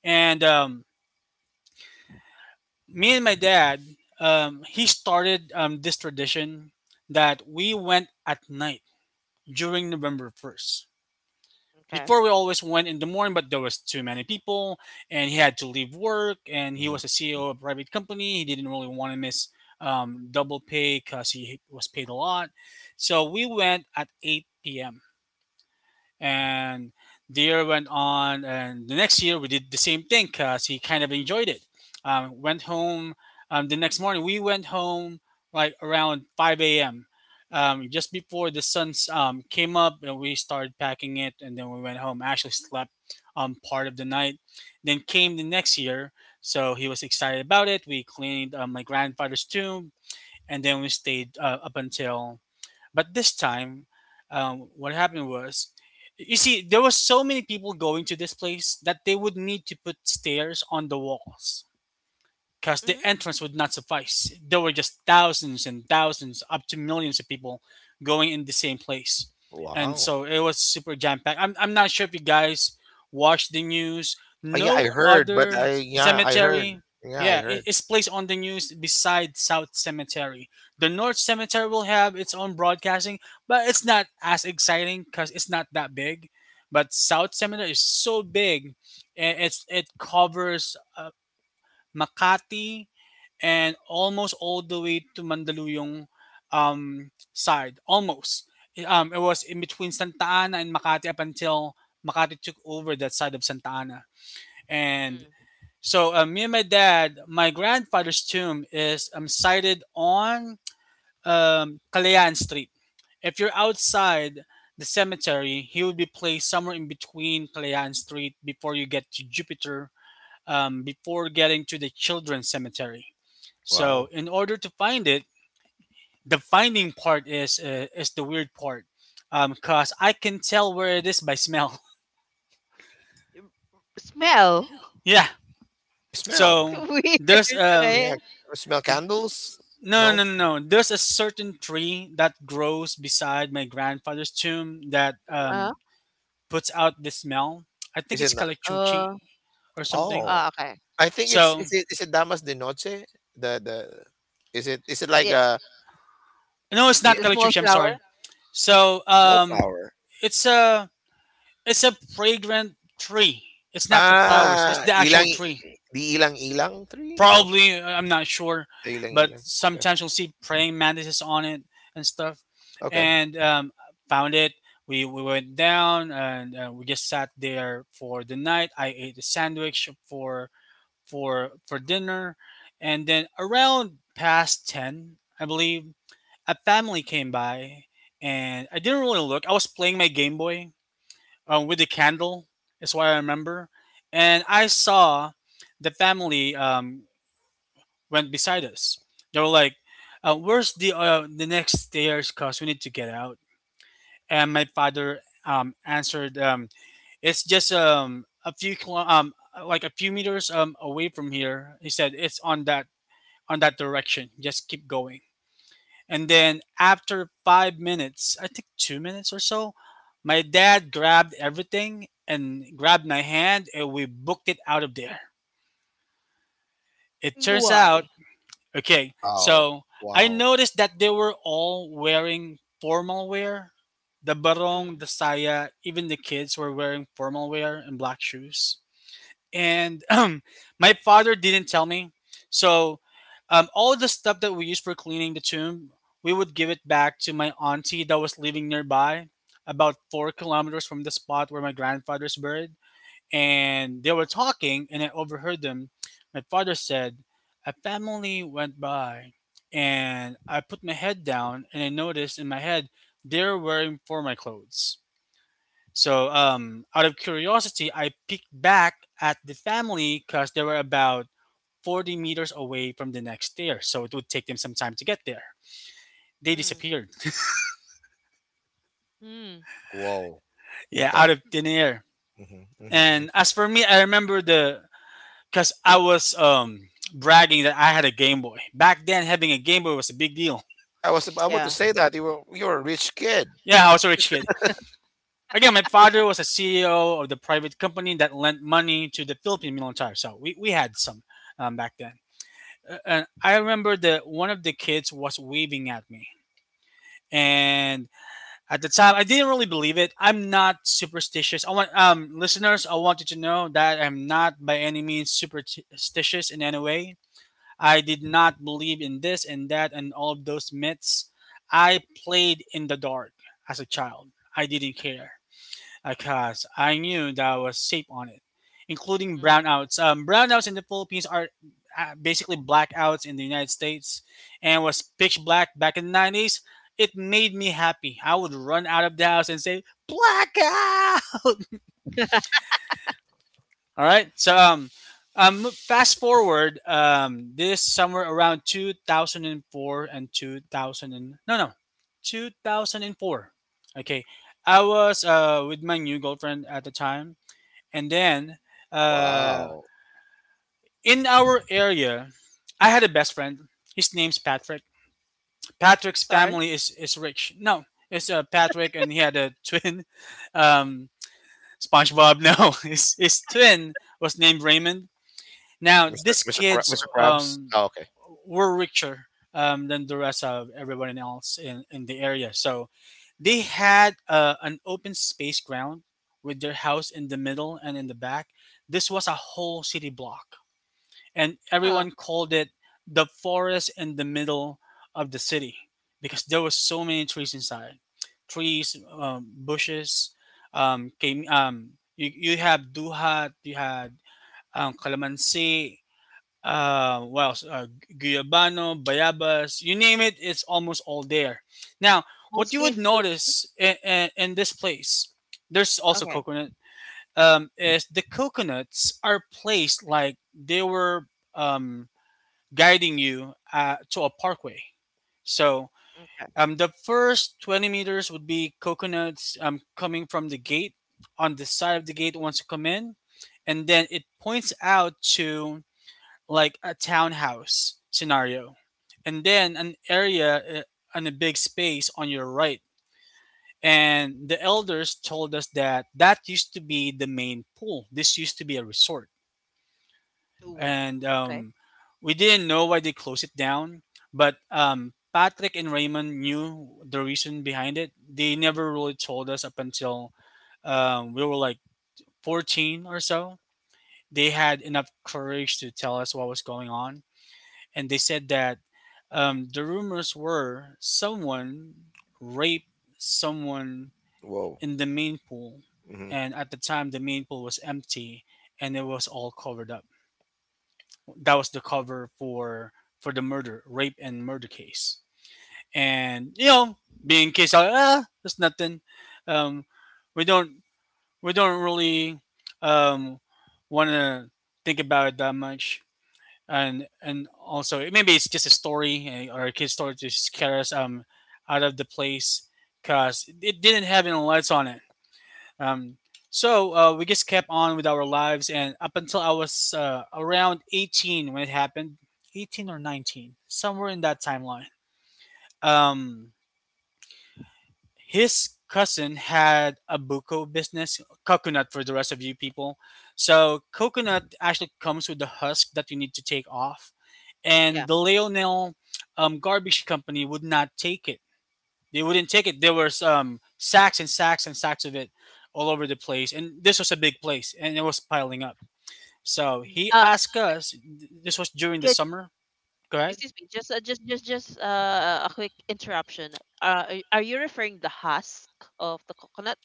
[SPEAKER 2] And me and my dad, he started this tradition that we went at night during November first.
[SPEAKER 1] okay.
[SPEAKER 2] Before, we always went in the morning, but there was too many people, and he had to leave work. And he
[SPEAKER 3] Mhm,
[SPEAKER 2] was a
[SPEAKER 3] mhm.
[SPEAKER 2] CEO of a private company. He didn't really want to miss double pay because he was paid a lot. So we went at 8 p.m., and the year went on. And the next year we did the same thing because he kind of enjoyed it, went home the next morning. We went home like around 5 a.m, just before the sun came up, and we started packing it. And then we went home, actually slept part of the night. Then came the next year, so he was excited about it. We cleaned my grandfather's tomb, and then we stayed up until. But this time, what happened was, you see, there was so many people going to this place that they would need to put stairs on the walls because the
[SPEAKER 1] Mm,
[SPEAKER 2] entrance would not suffice. There were just thousands and thousands, up to millions of people going in the same place. And
[SPEAKER 3] Wow.
[SPEAKER 2] so it was super jam packed. I'm not sure if you guys watched the news.
[SPEAKER 3] Yeah, I
[SPEAKER 2] No
[SPEAKER 3] heard, but
[SPEAKER 2] other
[SPEAKER 3] I yeah, I heard.
[SPEAKER 2] cemetery,
[SPEAKER 3] Yeah, I
[SPEAKER 2] yeah, it,
[SPEAKER 3] heard.
[SPEAKER 2] it's placed on the news besides South Cemetery. The North Cemetery will have its own broadcasting, but it's not as exciting because it's not that big. But South Cemetery is so big, and it covers Makati, and almost all the way to Mandaluyong side. Almost. It was in between Santa Ana and Makati up until Makati took over that side of Santa Ana.
[SPEAKER 1] mm.
[SPEAKER 2] And so me and my dad, my grandfather's tomb is sited on Calayan Street. If you're outside the cemetery, he would be placed somewhere in between Calayan Street before you get to Jupiter, before getting to the children's cemetery. So
[SPEAKER 3] Wow.
[SPEAKER 2] in order to find it, the finding part is the weird part, cause I can tell where it is by smell.
[SPEAKER 1] Smell.
[SPEAKER 2] Yeah.
[SPEAKER 3] By smell.
[SPEAKER 2] So
[SPEAKER 1] Weird.
[SPEAKER 2] there's,
[SPEAKER 1] Okay.
[SPEAKER 3] Yeah. Smell candles?
[SPEAKER 2] no,
[SPEAKER 3] No?
[SPEAKER 2] no, no, no. There's a certain tree that grows beside my grandfather's tomb that
[SPEAKER 1] Uh,
[SPEAKER 2] puts out the smell. I think
[SPEAKER 3] Is it
[SPEAKER 2] it's
[SPEAKER 3] not?
[SPEAKER 2] kalachuchi
[SPEAKER 1] uh,
[SPEAKER 2] or something.
[SPEAKER 3] Oh.
[SPEAKER 1] okay.
[SPEAKER 3] I think it's,
[SPEAKER 2] So
[SPEAKER 3] is it, is it Damas de Noche? The Is it, is it like
[SPEAKER 1] Yeah.
[SPEAKER 3] a,
[SPEAKER 2] no, it's
[SPEAKER 3] the
[SPEAKER 2] not
[SPEAKER 1] The small
[SPEAKER 2] kalachuchi. I'm
[SPEAKER 1] flower.
[SPEAKER 2] sorry. So
[SPEAKER 3] wallflower?
[SPEAKER 2] it's a it's a fragrant tree. It's not the flowers. It's
[SPEAKER 3] Ah,
[SPEAKER 2] the actual
[SPEAKER 3] ilang
[SPEAKER 2] tree.
[SPEAKER 3] The ilang ilang tree? No,
[SPEAKER 2] Probably, I'm not sure,
[SPEAKER 3] the ilang
[SPEAKER 2] but
[SPEAKER 3] ilang. Okay,
[SPEAKER 2] sometimes you'll see praying mantises on it and stuff.
[SPEAKER 3] okay.
[SPEAKER 2] And found it. We went down, and we just sat there for the night. I ate a sandwich for dinner, and then around past 10, I believe, a family came by, and I didn't really look. I was playing my Game Boy with the candle. That's why I remember, and I saw the family. Went beside us. They were like, "Where's the next stairs? Cause we need to get out." And my father answered, "It's just like a few meters away from here." He said, "It's on that direction. Just keep going." And then after 5 minutes, I think 2 minutes or so, my dad grabbed everything and grabbed my hand, and we booked it out of there. It turns out.
[SPEAKER 1] Why?
[SPEAKER 2] Okay,
[SPEAKER 3] Wow,
[SPEAKER 2] so I
[SPEAKER 3] wow,
[SPEAKER 2] noticed that they were all wearing formal wear. The barong,
[SPEAKER 1] Mm,
[SPEAKER 2] the saya, even the kids were wearing formal wear and black shoes. And my father didn't tell me. So all the stuff that we used for cleaning the tomb, we would give it back to my auntie that was living nearby, about 4 km from the spot where my grandfather's buried. And they were talking, and I overheard them. My father said, "A family went by, and I put my head down, and I noticed in my head they're wearing formal clothes." So, out of curiosity, I peeked back at the family because they were about 40 meters away from the next stair, so it would take them some time to get there. They
[SPEAKER 1] mm,
[SPEAKER 2] disappeared.
[SPEAKER 1] mm.
[SPEAKER 3] whoa.
[SPEAKER 2] Yeah,
[SPEAKER 3] Okay.
[SPEAKER 2] out of thin air.
[SPEAKER 3] Hmm, hmm.
[SPEAKER 2] And as for me, I remember the, because I was bragging that I had a Game Boy. Back then, having a Game Boy was a big deal.
[SPEAKER 3] Yeah, I was about to
[SPEAKER 1] Yeah.
[SPEAKER 3] say that you were a rich kid.
[SPEAKER 2] Yeah, I was a rich kid. Again, my father was a CEO of the private company that lent money to the Philippine military, so we had some back then. And I remember that one of the kids was waving at me. And at the time, I didn't really believe it. I'm not superstitious. I want listeners, I want you to know that I'm not by any means superstitious in any way. I did not believe in this and that and all of those myths. I played in the dark as a child. I didn't care because I knew that I was safe on it, including
[SPEAKER 1] Mm.
[SPEAKER 2] brownouts. Brownouts in the Philippines are basically blackouts in the United States, and was pitch black back in the 90s. It made me happy. I would run out of the house and say, "Blackout!" All right. So fast forward this somewhere around 2004 and 2000 and 2000 and, no, no, 2004. Okay, I was with my new girlfriend at the time, and then uh
[SPEAKER 3] Wow.
[SPEAKER 2] in our area, I had a best friend. His name's Patrick. Patrick's
[SPEAKER 1] Star.
[SPEAKER 2] family is rich. No, it's Patrick, and he had a twin. Um, SpongeBob. No, his twin was named Raymond. Now,
[SPEAKER 3] Mr.
[SPEAKER 2] these
[SPEAKER 3] Mr. Kra-
[SPEAKER 2] kids
[SPEAKER 3] Mr. Krabs. Oh, okay.
[SPEAKER 2] were richer than the rest of everyone else in the area. So they
[SPEAKER 1] Mm.
[SPEAKER 2] had an open space ground with their house in the middle and in the back. This was a whole city block, and
[SPEAKER 1] Oh,
[SPEAKER 2] everyone called it the forest in the middle of the city because there was so many trees inside. Trees, bushes. Came, you have duhat, you had calamansi, what else? Guyabano, Bayabas, you name it, it's almost all there. Now, what you
[SPEAKER 1] mostly
[SPEAKER 2] would
[SPEAKER 1] fruit.
[SPEAKER 2] notice in this place, there's also
[SPEAKER 1] Okay.
[SPEAKER 2] coconut, is the coconuts are placed like they were um, guiding you to a parkway. So
[SPEAKER 1] Okay.
[SPEAKER 2] um, the first 20 meters would be coconuts coming from the gate on the side of the gate once you come in, and then it points out to like a townhouse scenario, and then an area and a big space on your right. And the elders told us that that used to be the main pool. This used to be a resort,
[SPEAKER 1] Ooh.
[SPEAKER 2] and
[SPEAKER 1] Okay.
[SPEAKER 2] we didn't know why they closed it down. But Patrick and Raymond knew the reason behind it. They never really told us up until we were like 14 or so. They had enough courage to tell us what was going on, and they said that the rumors were someone raped someone
[SPEAKER 3] Whoa.
[SPEAKER 2] in the main pool,
[SPEAKER 3] Hmm.
[SPEAKER 2] and at the time the main pool was empty and it was all covered up. That was the cover for the murder, rape and murder case. And you know, being case out, ah, that's nothing. Um, we don't we don't really um, want to think about it that much, and also maybe it's just a story eh, or a kid's story to scare us out of the place because it didn't have any lights on it. Um, we just kept on with our lives, and up until I was around 18 when it happened, 18 or 19, somewhere in that timeline. Um, his cousin had a buko business, coconut for the rest of you people. So coconut actually comes with the husk that you need to take off, and
[SPEAKER 1] Yeah.
[SPEAKER 2] the Leonel garbage company would not take it. They wouldn't take it. There was sacks and sacks and sacks of it all over the place, and this was a big place, and it was piling up. So he
[SPEAKER 1] Uh,
[SPEAKER 2] asked us. This was during the
[SPEAKER 1] Good.
[SPEAKER 2] summer. Go ahead.
[SPEAKER 1] Excuse me. Just a quick interruption. Uh, are you referring the husk of the coconut?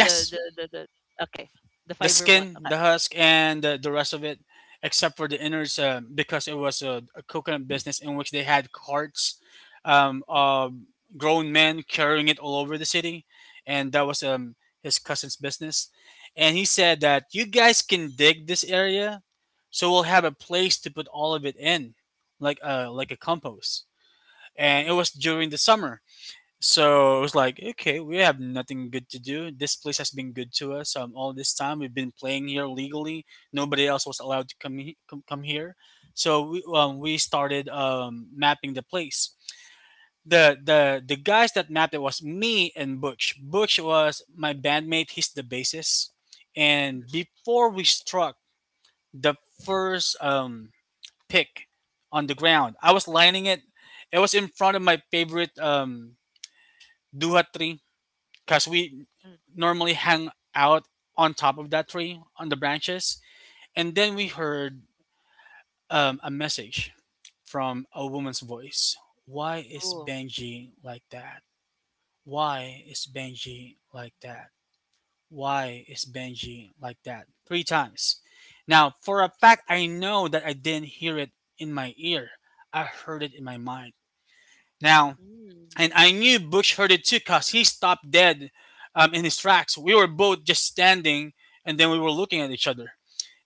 [SPEAKER 1] The okay, the
[SPEAKER 2] The
[SPEAKER 1] fiber one.
[SPEAKER 2] skin,
[SPEAKER 1] Okay.
[SPEAKER 2] the husk, and the rest of it, except for the innards, because it was a coconut business in which they had carts
[SPEAKER 1] Mm,
[SPEAKER 2] of grown men carrying it all over the city, and that was his cousin's business. And he said that you guys can dig this area, so we'll have a place to put all of it in, like a compost. And it was
[SPEAKER 1] mm,
[SPEAKER 2] during the summer, so it was like, okay, we have nothing good to do. This place has been good to us all this time. We've been playing here legally. Nobody else was allowed to come here. So we started mapping the place. The guys that mapped it was me and Butch. Butch was my bandmate. He's the bassist. And before we struck the first pick on the ground, I was lining it. It was in front of my favorite duhat because we
[SPEAKER 1] mm.
[SPEAKER 2] normally hang out on top of that tree on the branches. And then we heard a message from a woman's voice. Why is
[SPEAKER 1] Oh.
[SPEAKER 2] benji like that, why is benji like that, why is benji like that, three times. Now for a fact I know that I didn't hear it in my ear. I heard it in my mind. Now
[SPEAKER 1] Mm,
[SPEAKER 2] And I knew Bush heard it too because he stopped dead in his tracks. We were both just standing, and then we were looking at each other.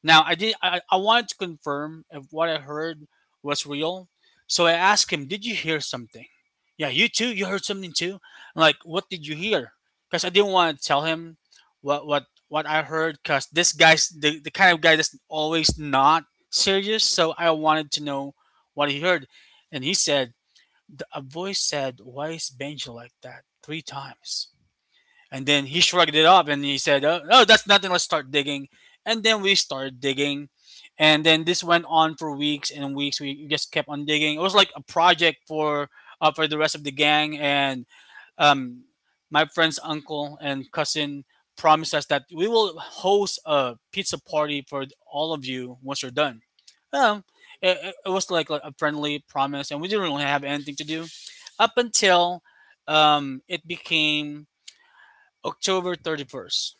[SPEAKER 2] Now, I did. I wanted to confirm if what I heard was real, so I asked him, "Did you hear something?" Yeah, you too. You heard something too. I'm like, what did you hear? Because I didn't want to tell him what I heard. Because this guy's the kind of guy that's always not serious. So I wanted to know what he heard, and he said a voice said, "Why is Benji like that?" three times. And then he shrugged it up and he said, "Oh, that's nothing. Let's start digging." And then we started digging. And then this went on for weeks and weeks. We just kept on digging. It was like a project for the rest of the gang. And um, my friend's uncle and cousin promised us that we will host a pizza party for all of you once you're done. Um, it was like a friendly promise, and we didn't really have anything to do up until it became October 31st.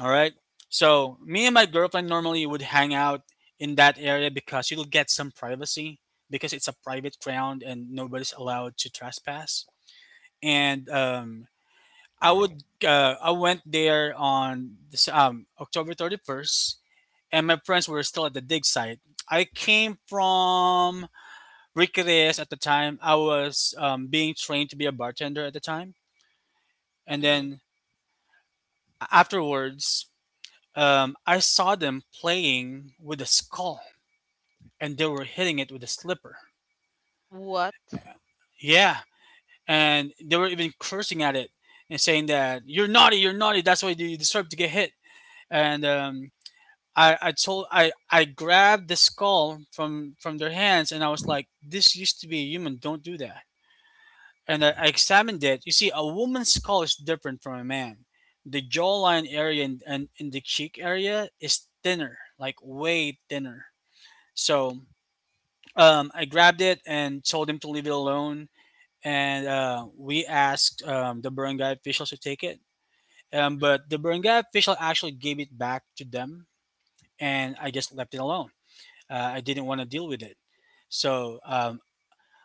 [SPEAKER 2] All right. So me and my girlfriend normally would hang out in that area because you'll get some privacy because it's a private ground and nobody's allowed to trespass. And
[SPEAKER 3] No. Yeah,
[SPEAKER 2] I went there on this, October 31st, and my friends were still at the dig site. I came from Riqueres at the time. I was being trained to be a bartender at the time. And
[SPEAKER 1] mm-hmm.
[SPEAKER 2] then afterwards, I saw them playing with a skull and they were hitting it with a slipper.
[SPEAKER 1] What?
[SPEAKER 2] Yeah. And they were even cursing at it and saying that you're naughty, you're naughty. That's why you deserve to get hit. And I grabbed the skull from their hands and I was like, this used to be a human, don't do that. And I examined it. You see, a woman's skull is different from a man. The jawline area and, and the cheek area is thinner, like way thinner. So I grabbed it and told him to leave it alone. And we asked the barangay officials to take it.
[SPEAKER 1] Mm.
[SPEAKER 2] But the barangay official actually gave it back to them, and I just left it alone. I didn't want to deal with it. So,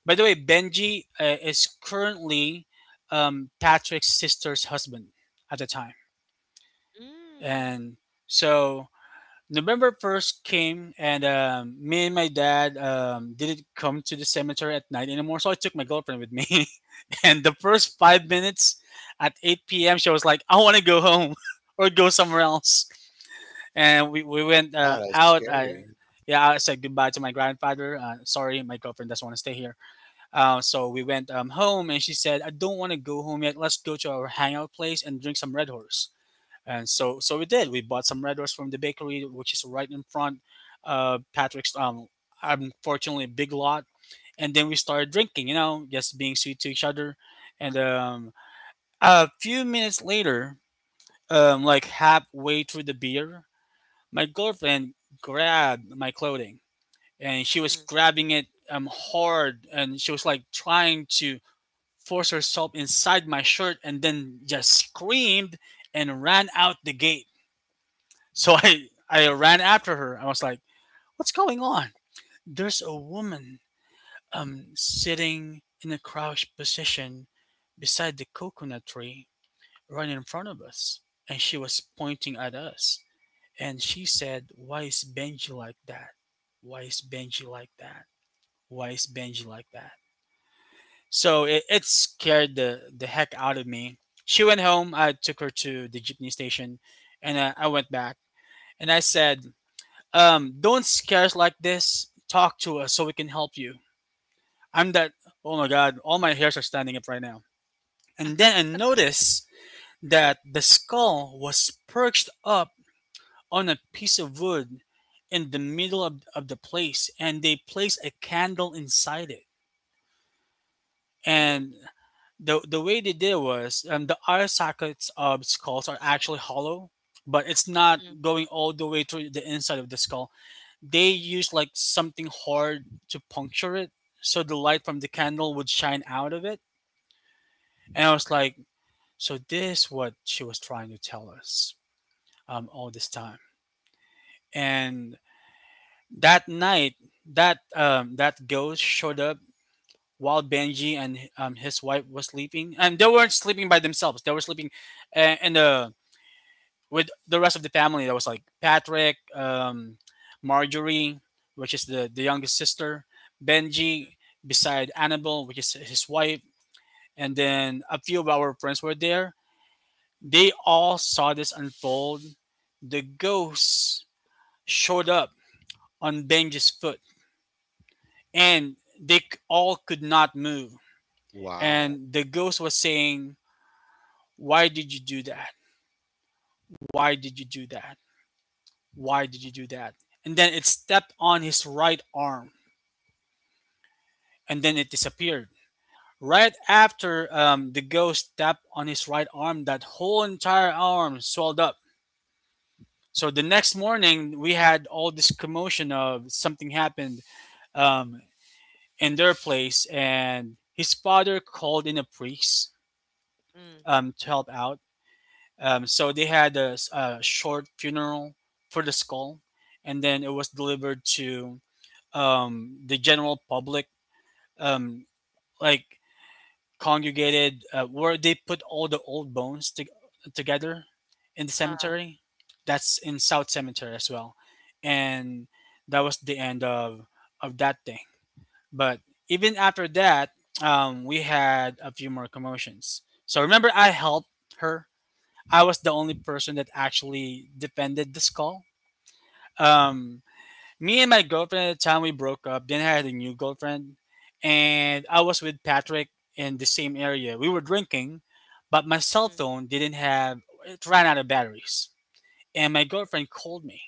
[SPEAKER 2] by the way, Benji is currently Patrick's sister's husband at the time.
[SPEAKER 1] Mm,
[SPEAKER 2] And so November 1st came, and me and my dad didn't come to the cemetery at night anymore. So I took my girlfriend with me. And the first 5 minutes at 8 p.m., she was like, I want to go home, or go somewhere else. And we went
[SPEAKER 3] that's
[SPEAKER 2] out.
[SPEAKER 3] scary.
[SPEAKER 2] Yeah, I said goodbye to my grandfather. Sorry, my girlfriend doesn't want to stay here. So we went home, and she said, "I don't want to go home yet. Let's go to our hangout place and drink some Red Horse." And so, so we did. We bought some Red Horse from the bakery, which is right in front of Patrick's. Unfortunately, big lot. And then we started drinking. You know, just being sweet to each other. And a few minutes later, like halfway through the beer, my girlfriend grabbed my clothing, and she was grabbing it hard, and she was like trying to force herself inside my shirt, and then just screamed and ran out the gate. So I ran after her. I was like, "What's going on?" There's a woman sitting in a crouched position beside the coconut tree right in front of us, and she was pointing at us. And she said, "Why is Benji like that? Why is Benji like that? Why is Benji like that?" So it scared the heck out of me. She went home. I took her to the jeepney station, and I went back and I said, "Don't scare us like this. Talk to us so we can help you." I'm that, oh my God, all my hairs are standing up right now. And then I noticed that the skull was perched up on a piece of wood in the middle of the place, and they placed a candle inside it.
[SPEAKER 1] mm.
[SPEAKER 2] And the way they did was the eye sockets of skulls are actually hollow, but it's not
[SPEAKER 1] Mm.
[SPEAKER 2] going all the way through the inside of the skull. They used like something hard to puncture it so the light from the candle would shine out of it. And I was like, so this is what she was trying to tell us all this time. And that night, that ghost showed up while Benji and his wife was sleeping, and they weren't sleeping by themselves. They were sleeping in the with the rest of the family. That was like Patrick, Marjorie, which is the youngest sister, Benji beside Annabelle, which is his wife, and then a few of our friends were there. They all saw this unfold. The ghost showed up on Benji's foot, and they all could not move.
[SPEAKER 3] Wow.
[SPEAKER 2] And the ghost was saying, "Why did you do that? Why did you do that? Why did you do that?" And then it stepped on his right arm, and then it disappeared. Right after the ghost stepped on his right arm, that whole entire arm swelled up. So the next morning, we had all this commotion of something happened um, in their place, and his father called in a priest
[SPEAKER 1] Mm.
[SPEAKER 2] to help out. So they had a short funeral for the skull, and then it was delivered to the general public, um, like congregated, where they put all the old bones together in the
[SPEAKER 1] uh,
[SPEAKER 2] cemetery. That's in South Cemetery as well, and that was the end of that thing. But even after that, we had a few more commotions. So remember, I helped her I was the only person that actually defended this call. Um, Me and my girlfriend at the time we broke up. Then I had a new girlfriend, and I was with Patrick in the same area. We were drinking, but my cell
[SPEAKER 1] Mm.
[SPEAKER 2] phone didn't have it ran out of batteries. And my girlfriend called me,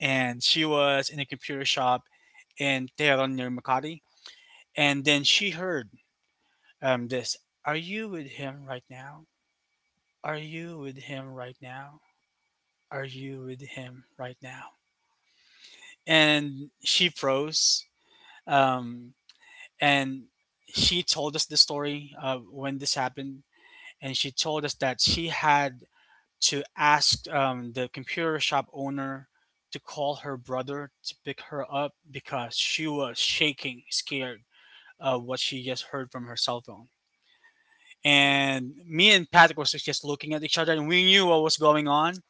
[SPEAKER 2] and she was in a computer shop in Tehran near Makati. And then she heard this: "Are you with him right now? Are you with him right now? Are you with him right now?" And she froze. Um, and she told us the story when this happened, and she told us that she had to ask the computer shop owner to call her brother to pick her up because she was shaking, scared of what she just heard from her cell phone.
[SPEAKER 1] Mm.
[SPEAKER 2] And me and Patrick was just looking at each other, and we knew what was going on.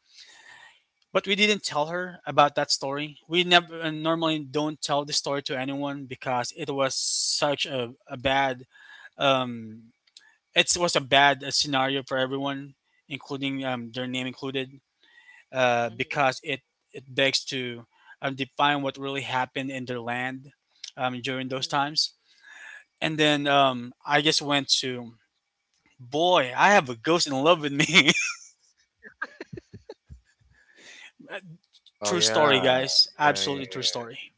[SPEAKER 2] But we didn't tell her about that story. We never normally don't tell the story to anyone because it was such a bad um it was a bad scenario for everyone, including their name included,
[SPEAKER 1] Mm.
[SPEAKER 2] because it begs to define what really happened in their land during those
[SPEAKER 1] Mm.
[SPEAKER 2] times. And then I just went to boy, I have a ghost in love with me.
[SPEAKER 3] Oh
[SPEAKER 2] True story,
[SPEAKER 3] yeah.
[SPEAKER 2] guys.
[SPEAKER 3] Yeah,
[SPEAKER 2] Absolutely true
[SPEAKER 3] yeah,
[SPEAKER 2] story.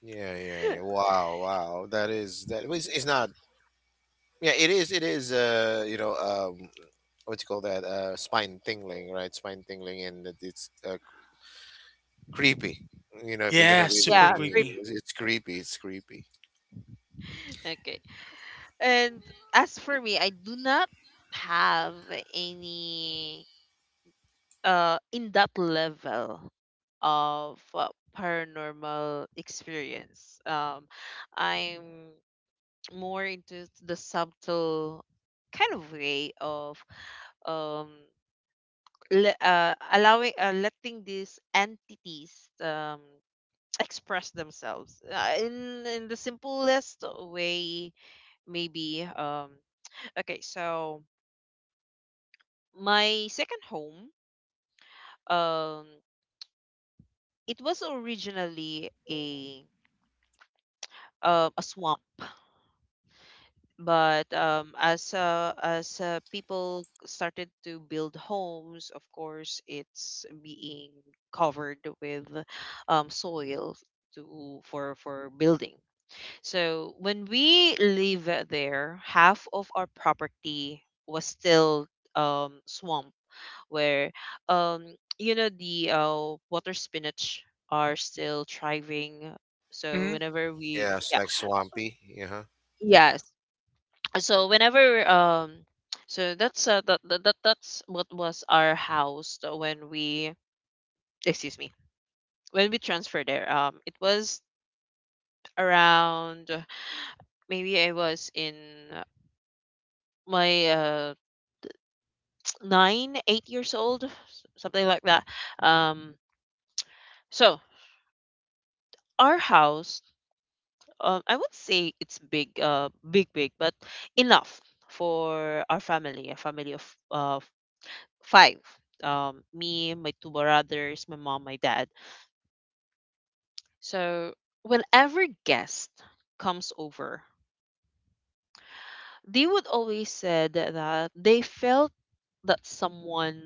[SPEAKER 3] yeah, yeah, yeah. Wow, wow. That is that. Well, it's not. Yeah, it is. It is. You know, what do you call that? Spine tingling, right? Spine tingling, and that it's creepy. You know, if you're gonna
[SPEAKER 2] Yeah,
[SPEAKER 3] be really
[SPEAKER 2] super
[SPEAKER 1] Yeah,
[SPEAKER 3] thinking,
[SPEAKER 1] creepy.
[SPEAKER 2] creepy.
[SPEAKER 3] it's creepy. It's creepy.
[SPEAKER 1] Okay. And as for me, I do not have any in that level of paranormal experience. I'm more into the subtle kind of way of um allowing, letting these entities express themselves in the simplest way, maybe okay, so my second home, um it was originally a swamp, but as people started to build homes, of course, it's being covered with soil to for building. So when we live there, half of our property was still, swamp, where um, you know the water spinach are still thriving. So
[SPEAKER 2] Hmm.
[SPEAKER 1] whenever we,
[SPEAKER 3] Yeah, it's
[SPEAKER 1] yeah,
[SPEAKER 3] like swampy. Yeah.
[SPEAKER 1] yes, so whenever um so that's that's what was our house, when we, excuse me, when we transferred there. It was around maybe I was in uh, my 9 8 years old, something like that. um so our house, I would say it's big, but enough for our family, a family of uh five, me, my two brothers, my mom, my dad. So whenever guest comes over, they would always said that they felt that someone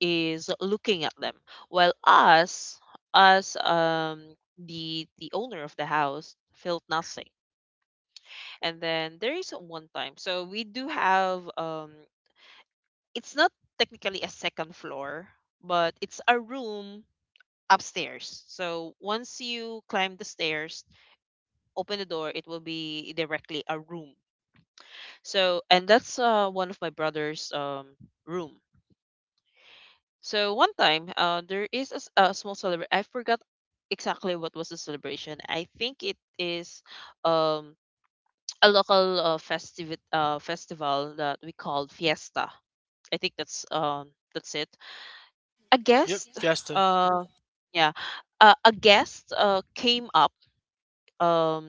[SPEAKER 1] is looking at them. While us, the owner of the house felt nothing. And then there is one time. So we do have, it's not technically a second floor, but it's a room upstairs. So once you climb the stairs, open the door, it will be directly a room. So, and that's one of my brother's room. So one time, there is a small celebration. I forgot exactly what was the celebration. I think it is, um, a local festive festival that we call Fiesta. I think that's it. A
[SPEAKER 2] Yep,
[SPEAKER 1] guest,
[SPEAKER 2] Fiesta.
[SPEAKER 1] uh, yeah, a guest came up, um,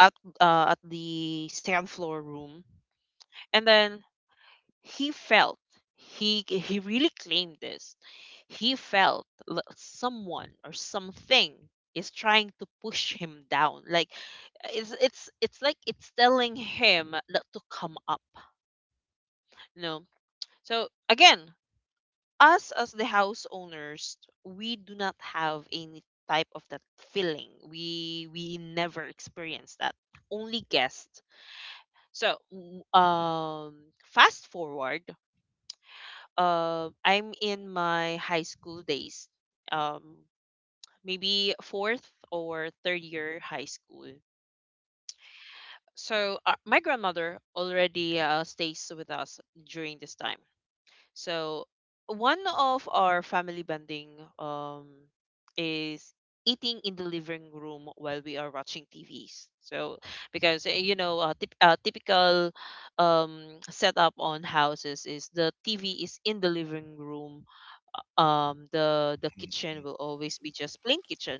[SPEAKER 1] at at the second floor room, and then he felt he really claimed this, he felt, someone or something is trying to push him down, like it's like it's telling him not to come up you know so again, us as the house owners, we do not have any type of that feeling. We never experience that, only guests. So fast forward, I'm in my high school days, um, maybe fourth or third year high school. So my grandmother already stays with us during this time. So one of our family bonding, um, is eating in the living room while we are watching TVs. So because typical um, setup on houses is the TV is in the living room, the kitchen will always be just plain kitchen.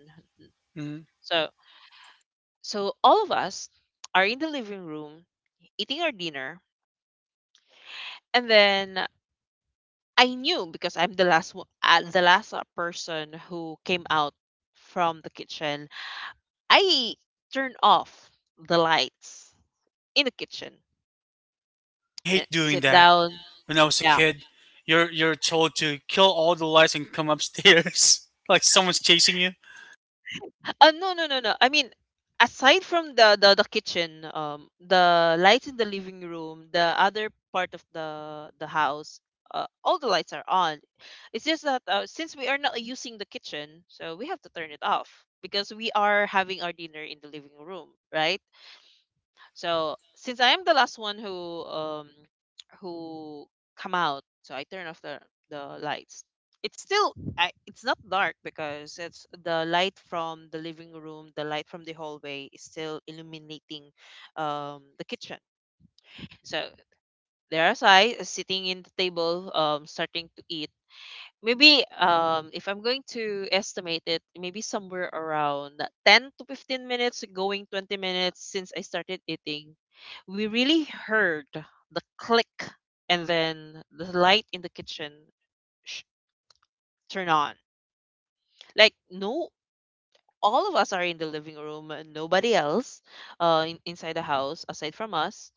[SPEAKER 2] Hmm.
[SPEAKER 1] So all of us are in the living room eating our dinner, and then I knew because I'm the last one, the last person who came out from the kitchen. I turned off the lights in the kitchen,
[SPEAKER 2] Oh, I hate doing
[SPEAKER 1] sit
[SPEAKER 2] that.
[SPEAKER 1] down.
[SPEAKER 2] When I was a
[SPEAKER 1] Yeah.
[SPEAKER 2] kid, you're told to kill all the lights and come upstairs, like someone's chasing you
[SPEAKER 1] No, no, no, no. I mean, aside from the kitchen, the lights in the living room, the other part of the house, all the lights are on. It's just that since we are not using the kitchen, so we have to turn it off because we are having our dinner in the living room, right? So since I am the last one who come out, so I turn off the lights. It's still, it's not dark because it's the light from the living room, the light from the hallway is still illuminating the kitchen. So there, as I, sitting in the table, starting to eat. Maybe if I'm going to estimate it, maybe somewhere around 10 to 15 minutes going 20 minutes since I started eating, we really heard the click, and then the light in the kitchen sh- turn on. Like, no, all of us are in the living room, and nobody else inside the house aside from us.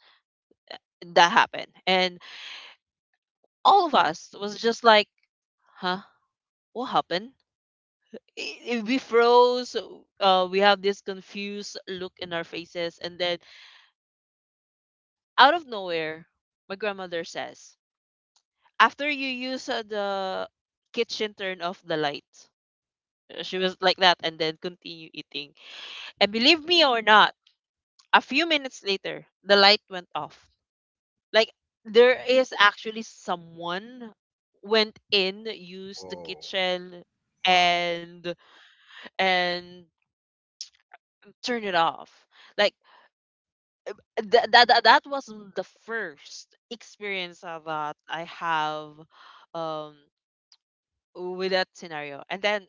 [SPEAKER 1] That happened. And all of us was just like, "Huh? What happened?" We froze. We have this confused look in our faces, and then out of nowhere my grandmother says, "After you use the kitchen, turn off the light." She was like that, and then continue eating. And believe me or not, a few minutes later the light went off. Like, there is actually someone went in, used the
[SPEAKER 3] Whoa,
[SPEAKER 1] kitchen,
[SPEAKER 3] wow.
[SPEAKER 1] and and turn it off. Like, that was the first experience, that I have um with that scenario. And then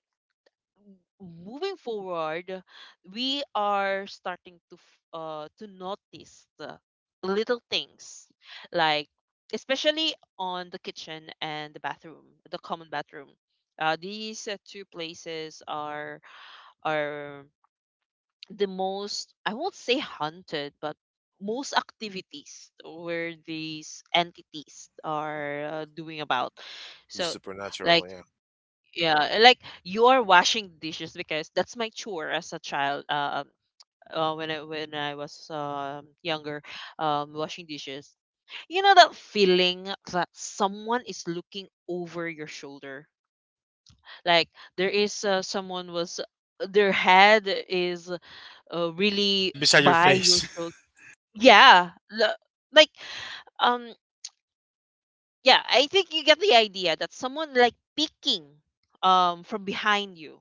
[SPEAKER 1] moving forward, we are starting to to notice the little things, like, especially on the kitchen and the bathroom, the common bathroom. These two places are the most, I won't say hunted, but most activities where these entities are doing about.
[SPEAKER 3] The
[SPEAKER 1] So
[SPEAKER 3] supernatural.
[SPEAKER 1] like,
[SPEAKER 3] Yeah.
[SPEAKER 1] yeah, like you are washing dishes because that's my chore as a child. When I was younger, washing dishes. You know that feeling that someone is looking over your shoulder, like there is someone was, their head is really
[SPEAKER 2] right beside your
[SPEAKER 1] buy your
[SPEAKER 2] face.
[SPEAKER 1] shows. Yeah, l- like, um, yeah, I think you get the idea that someone like peeking from behind you,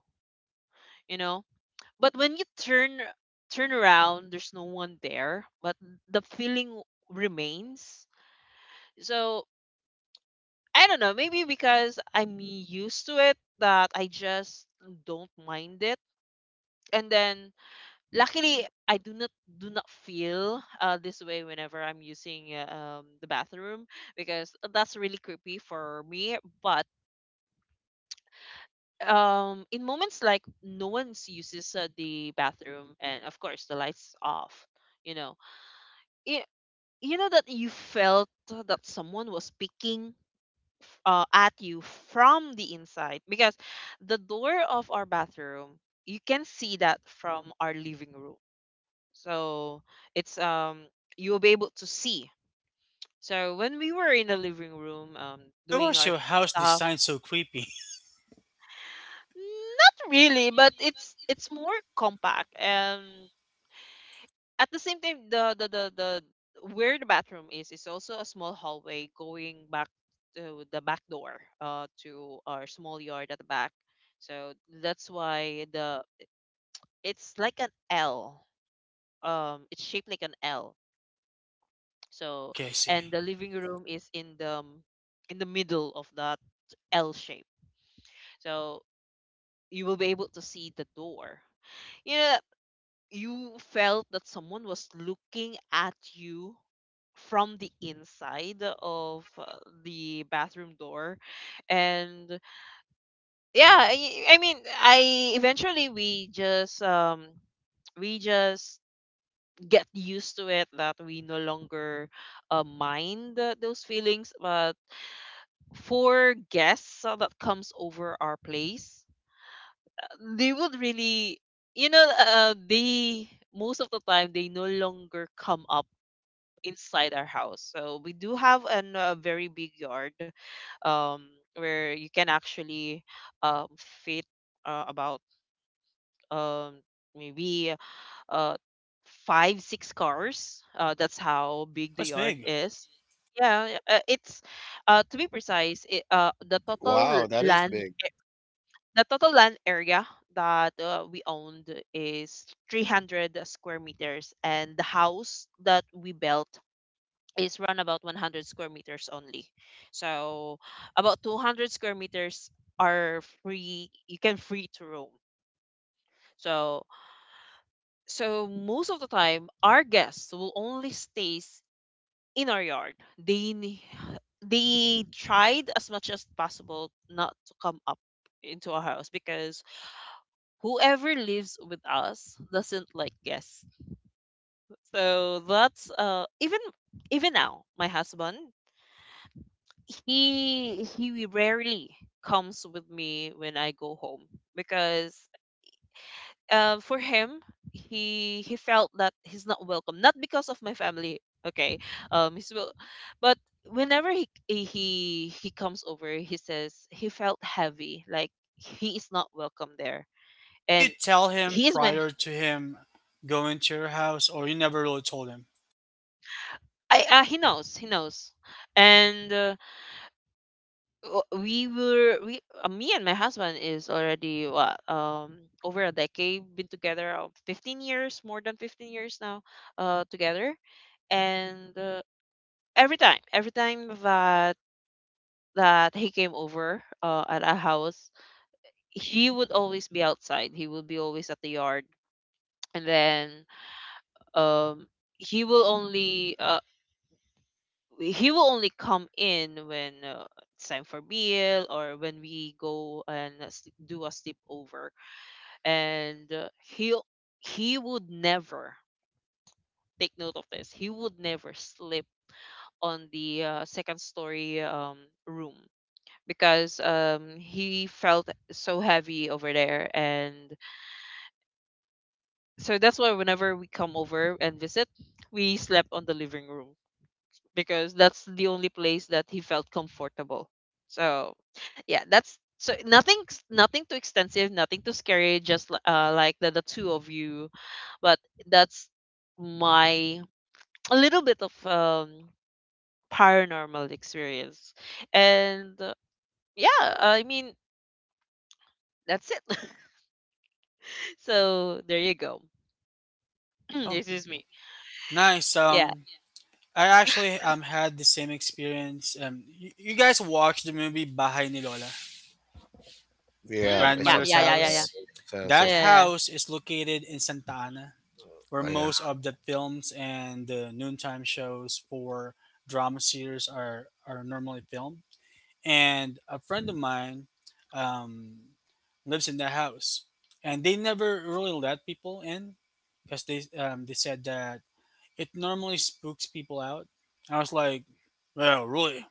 [SPEAKER 1] you know. But when you turn around, there's no one there, but the feeling remains. So I don't know, maybe because I'm used to it that I just don't mind it, and then luckily I do not feel this way whenever I'm using the bathroom because that's really creepy for me. But in moments like no one uses the bathroom, and of course the lights off, you know it, you know that you felt that someone was peeking at you from the inside because the door of our bathroom you can see that from our living room. So it's, you'll be able to see. So when we were in the living room,
[SPEAKER 2] Why
[SPEAKER 1] doing
[SPEAKER 2] was
[SPEAKER 1] our
[SPEAKER 2] your house
[SPEAKER 1] stuff,
[SPEAKER 2] designed so creepy?
[SPEAKER 1] not really, but it's more compact, and at the same time the where the bathroom is also a small hallway going back to the back door to our small yard at the back. So that's why the it's like an L. It's shaped like an L. So,
[SPEAKER 2] Okay, I see.
[SPEAKER 1] and the living room is in the middle of that L shape. So you will be able to see the door. You know, you felt that someone was looking at you from the inside of the bathroom door and yeah I mean I eventually we just we just get used to it that we no longer mind those feelings. But for guests that comes over our place, uh, they would really they, most of the time they no longer come up inside our house. So we do have an very big yard um where you can actually um fit about um maybe uh 5 6 cars. That's how big the
[SPEAKER 2] What's
[SPEAKER 1] yard
[SPEAKER 2] big?
[SPEAKER 1] is. Yeah, it's to be precise it, the total
[SPEAKER 3] Wow, that is
[SPEAKER 1] land
[SPEAKER 3] big.
[SPEAKER 1] The total land area that we owned is 300 square meters, and the house that we built is around about 100 square meters only. So about 200 square meters are free. You can free to roam. So, so most of the time, our guests will only stays in our yard. They tried as much as possible not to come up into our house, because whoever lives with us doesn't like guests. So that's even even now, my husband, he rarely comes with me when I go home, because for him, he felt that he's not welcome, not because of my family. Okay, um he's wel- but whenever he comes over, he says he felt heavy, like he is not welcome there.
[SPEAKER 2] Did
[SPEAKER 1] And
[SPEAKER 2] you tell him
[SPEAKER 1] he is my
[SPEAKER 2] prior to him going to your house, or you never really told him?
[SPEAKER 1] I he knows, and w- we were we me and my husband is already what, over a decade been together, 15 years, more than 15 years now, together, and every time that he came over at our house, he would always be outside. He would be always at the yard, and then um he will only uh, he will only come in when it's time for meal, or when we go and do a sleepover. And he'll, he would never take note of this. He would never sleep on the second story room, because he felt so heavy over there. And so that's why whenever we come over and visit, we slept on the living room, because that's the only place that he felt comfortable. So, yeah, that's, so nothing too extensive, nothing too scary, just like the two of you. But that's my a little bit of paranormal experience. And yeah, I mean, that's it. So, there you go.
[SPEAKER 2] Oh,
[SPEAKER 1] This is me.
[SPEAKER 2] nice.
[SPEAKER 1] Yeah.
[SPEAKER 2] I actually had the same experience. You guys watched the movie Bahay ni Lola?
[SPEAKER 3] Yeah,
[SPEAKER 1] Mm,
[SPEAKER 3] at
[SPEAKER 1] yeah,
[SPEAKER 3] some
[SPEAKER 2] Grandmother's
[SPEAKER 1] yeah,
[SPEAKER 3] point.
[SPEAKER 1] yeah, yeah,
[SPEAKER 3] Yeah,
[SPEAKER 1] yeah.
[SPEAKER 2] house.
[SPEAKER 3] so at
[SPEAKER 1] Yeah,
[SPEAKER 3] some
[SPEAKER 1] yeah,
[SPEAKER 2] That
[SPEAKER 3] point.
[SPEAKER 1] yeah.
[SPEAKER 2] house is located in Santa Ana, where
[SPEAKER 3] Oh, yeah,
[SPEAKER 2] most of the films and the noontime shows for drama series are normally filmed. And a friend of mine um, lives in that house. And they never really let people in because they said that it normally spooks people out. I was like, well, really?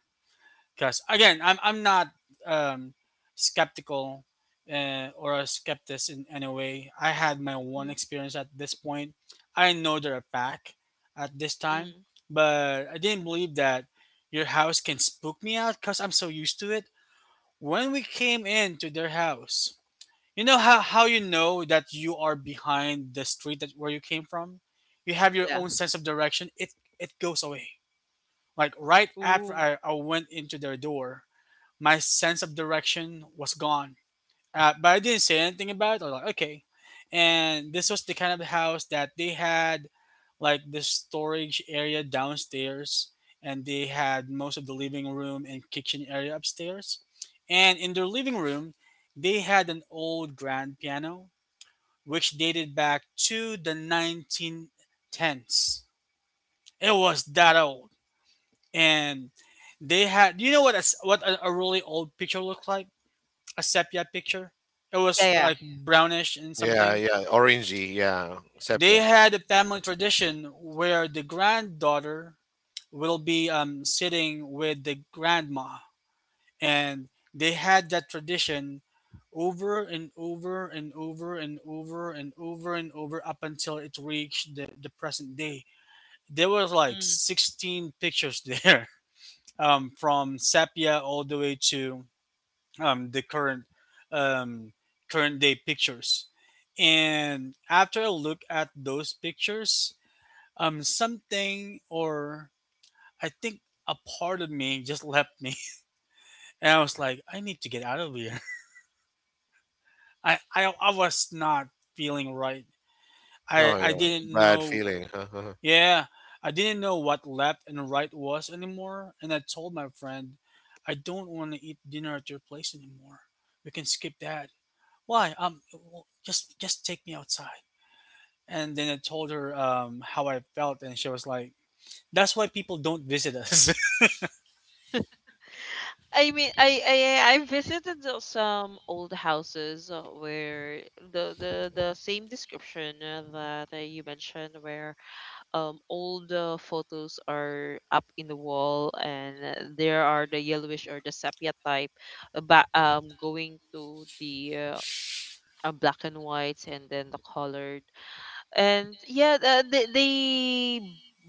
[SPEAKER 2] Because again, I'm not um, skeptical or a skeptic in any way. I had my one
[SPEAKER 1] Mm,
[SPEAKER 2] experience at this point. I know they're a fact at this time,
[SPEAKER 1] mm,
[SPEAKER 2] but I didn't believe that your house can spook me out because I'm so used to it. When we came into their house, you know how you know that you are behind the street that where you came from? You have your
[SPEAKER 1] yeah.
[SPEAKER 2] own sense of direction. It goes away. Like right after
[SPEAKER 1] Ooh.
[SPEAKER 2] I went into their door, my sense of direction was gone. But I didn't say anything about it. I was like, okay. And this was the kind of house that they had like this storage area downstairs, and they had most of the living room and kitchen area upstairs. And in their living room, they had an old grand piano, which dated back to the 1910s. It was that old. And they had, you know what what a really old picture looked like? A sepia picture. It was
[SPEAKER 1] Yeah, yeah.
[SPEAKER 2] like brownish and
[SPEAKER 3] yeah,
[SPEAKER 2] something.
[SPEAKER 3] yeah. Orangey. Yeah,
[SPEAKER 2] They
[SPEAKER 3] sepia.
[SPEAKER 2] had a family tradition where the granddaughter will be sitting with the grandma, and they had that tradition over and over and over and over and over and over up until it reached the present day. There was like
[SPEAKER 1] Mm.
[SPEAKER 2] 16 pictures there from sepia all the way to the current um, current day pictures. And after I look at those pictures, something or I think a part of me just left me, and I was like, I need to get out of here. I was not feeling right.
[SPEAKER 3] Oh
[SPEAKER 2] I
[SPEAKER 3] yeah,
[SPEAKER 1] Mm.
[SPEAKER 2] didn't
[SPEAKER 3] bad
[SPEAKER 2] know.
[SPEAKER 3] feeling. Huh? Huh, huh.
[SPEAKER 2] Yeah, I didn't know what left and right was anymore, and I told my friend, I don't want to eat dinner at your place anymore. We can skip that. Why? Well, just take me outside. And then I told her how I felt, and she was like, "That's why people don't visit us."
[SPEAKER 1] I mean, I visited some old houses where the same description that you mentioned, where old photos are up in the wall, and there are the yellowish or the sepia type, but going to the black and whites, and then the colored, and yeah, they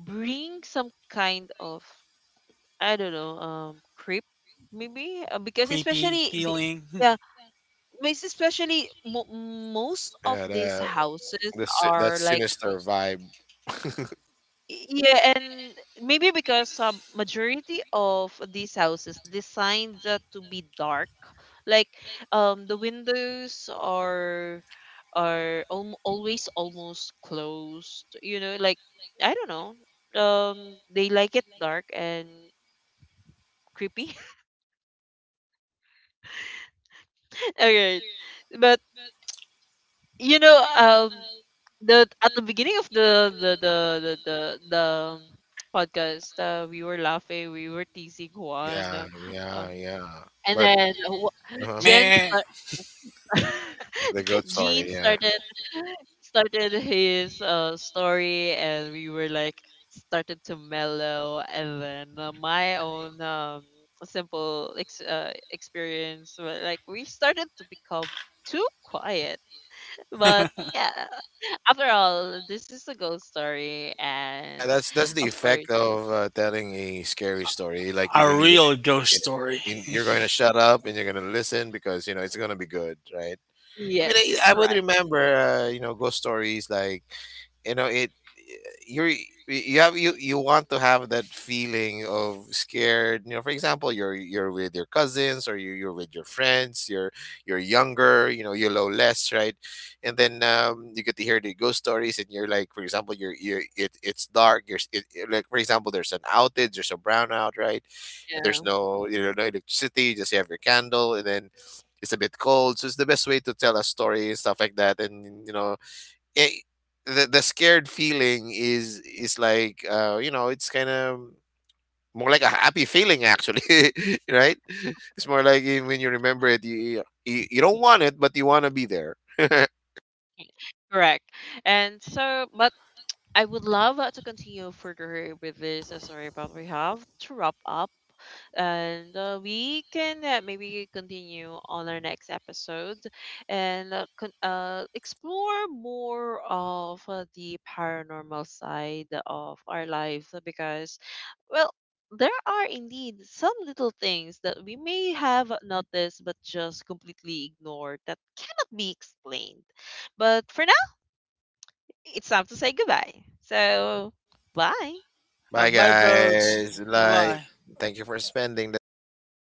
[SPEAKER 1] bring some kind of, I don't know, creep, maybe because
[SPEAKER 2] Creepy
[SPEAKER 1] especially
[SPEAKER 2] feeling,
[SPEAKER 1] yeah, especially mo most of
[SPEAKER 3] Yeah,
[SPEAKER 1] these
[SPEAKER 3] that,
[SPEAKER 1] houses
[SPEAKER 3] that
[SPEAKER 1] are like,
[SPEAKER 3] sinister vibe.
[SPEAKER 1] yeah, and maybe because majority of these houses designed to be dark, like the windows are al always almost closed, you know, like I don't know, um they like it dark and creepy. All right, but you know the at the beginning of the um, podcast, we were laughing, we were teasing Juan,
[SPEAKER 3] Yeah,
[SPEAKER 1] uh,
[SPEAKER 3] yeah, yeah.
[SPEAKER 1] and
[SPEAKER 3] But
[SPEAKER 1] then Wa-
[SPEAKER 3] uh
[SPEAKER 1] Jen
[SPEAKER 2] meh.
[SPEAKER 1] start
[SPEAKER 3] the goat
[SPEAKER 1] Jean
[SPEAKER 3] story. Yeah,
[SPEAKER 1] started his story, and we were like, started to mellow, and then my own simple experience were, like we started to become too quiet. But yeah, after all, this is a ghost story, and
[SPEAKER 3] yeah. That's the
[SPEAKER 1] of course,
[SPEAKER 3] effect of telling a scary story. Like you
[SPEAKER 2] A
[SPEAKER 3] really get
[SPEAKER 2] real ghost
[SPEAKER 3] it.
[SPEAKER 2] story.
[SPEAKER 3] In, you're going to shut up and you're going to listen because you know it's going to be good, right? I mean,
[SPEAKER 1] yes,
[SPEAKER 3] I would
[SPEAKER 1] correct.
[SPEAKER 3] remember, you know, ghost stories like, you know, it you're you have, you want to have that feeling of scared, you know, for example you're with your cousins, or you're with your friends, you're younger, you know, you know less, right? And then you get to hear the ghost stories and you're like, for example you, it's dark, you're s- it- like for example there's an outage, there's a brownout, right? And there's
[SPEAKER 1] Yeah,
[SPEAKER 3] no, you know, no electricity, you just have your candle, and then it's a bit cold, so it's the best way to tell a story and stuff like that. And, you know, eh, the scared feeling is like, uh, you know, it's kind of more like a happy feeling actually. Right? It's more like, when you remember it, you don't want it but you want to be there.
[SPEAKER 1] correct. And so, but I would love to continue further with this story, but we have to wrap up. And we can maybe continue on our next episode, and explore more of the paranormal side of our lives, because, well, there are indeed some little things that we may have noticed but just completely ignored that cannot be explained. But for now, it's time to say goodbye. So, bye.
[SPEAKER 3] Bye
[SPEAKER 2] Bye, folks.
[SPEAKER 3] guys. Like,
[SPEAKER 2] Bye.
[SPEAKER 3] thank you for spending the time.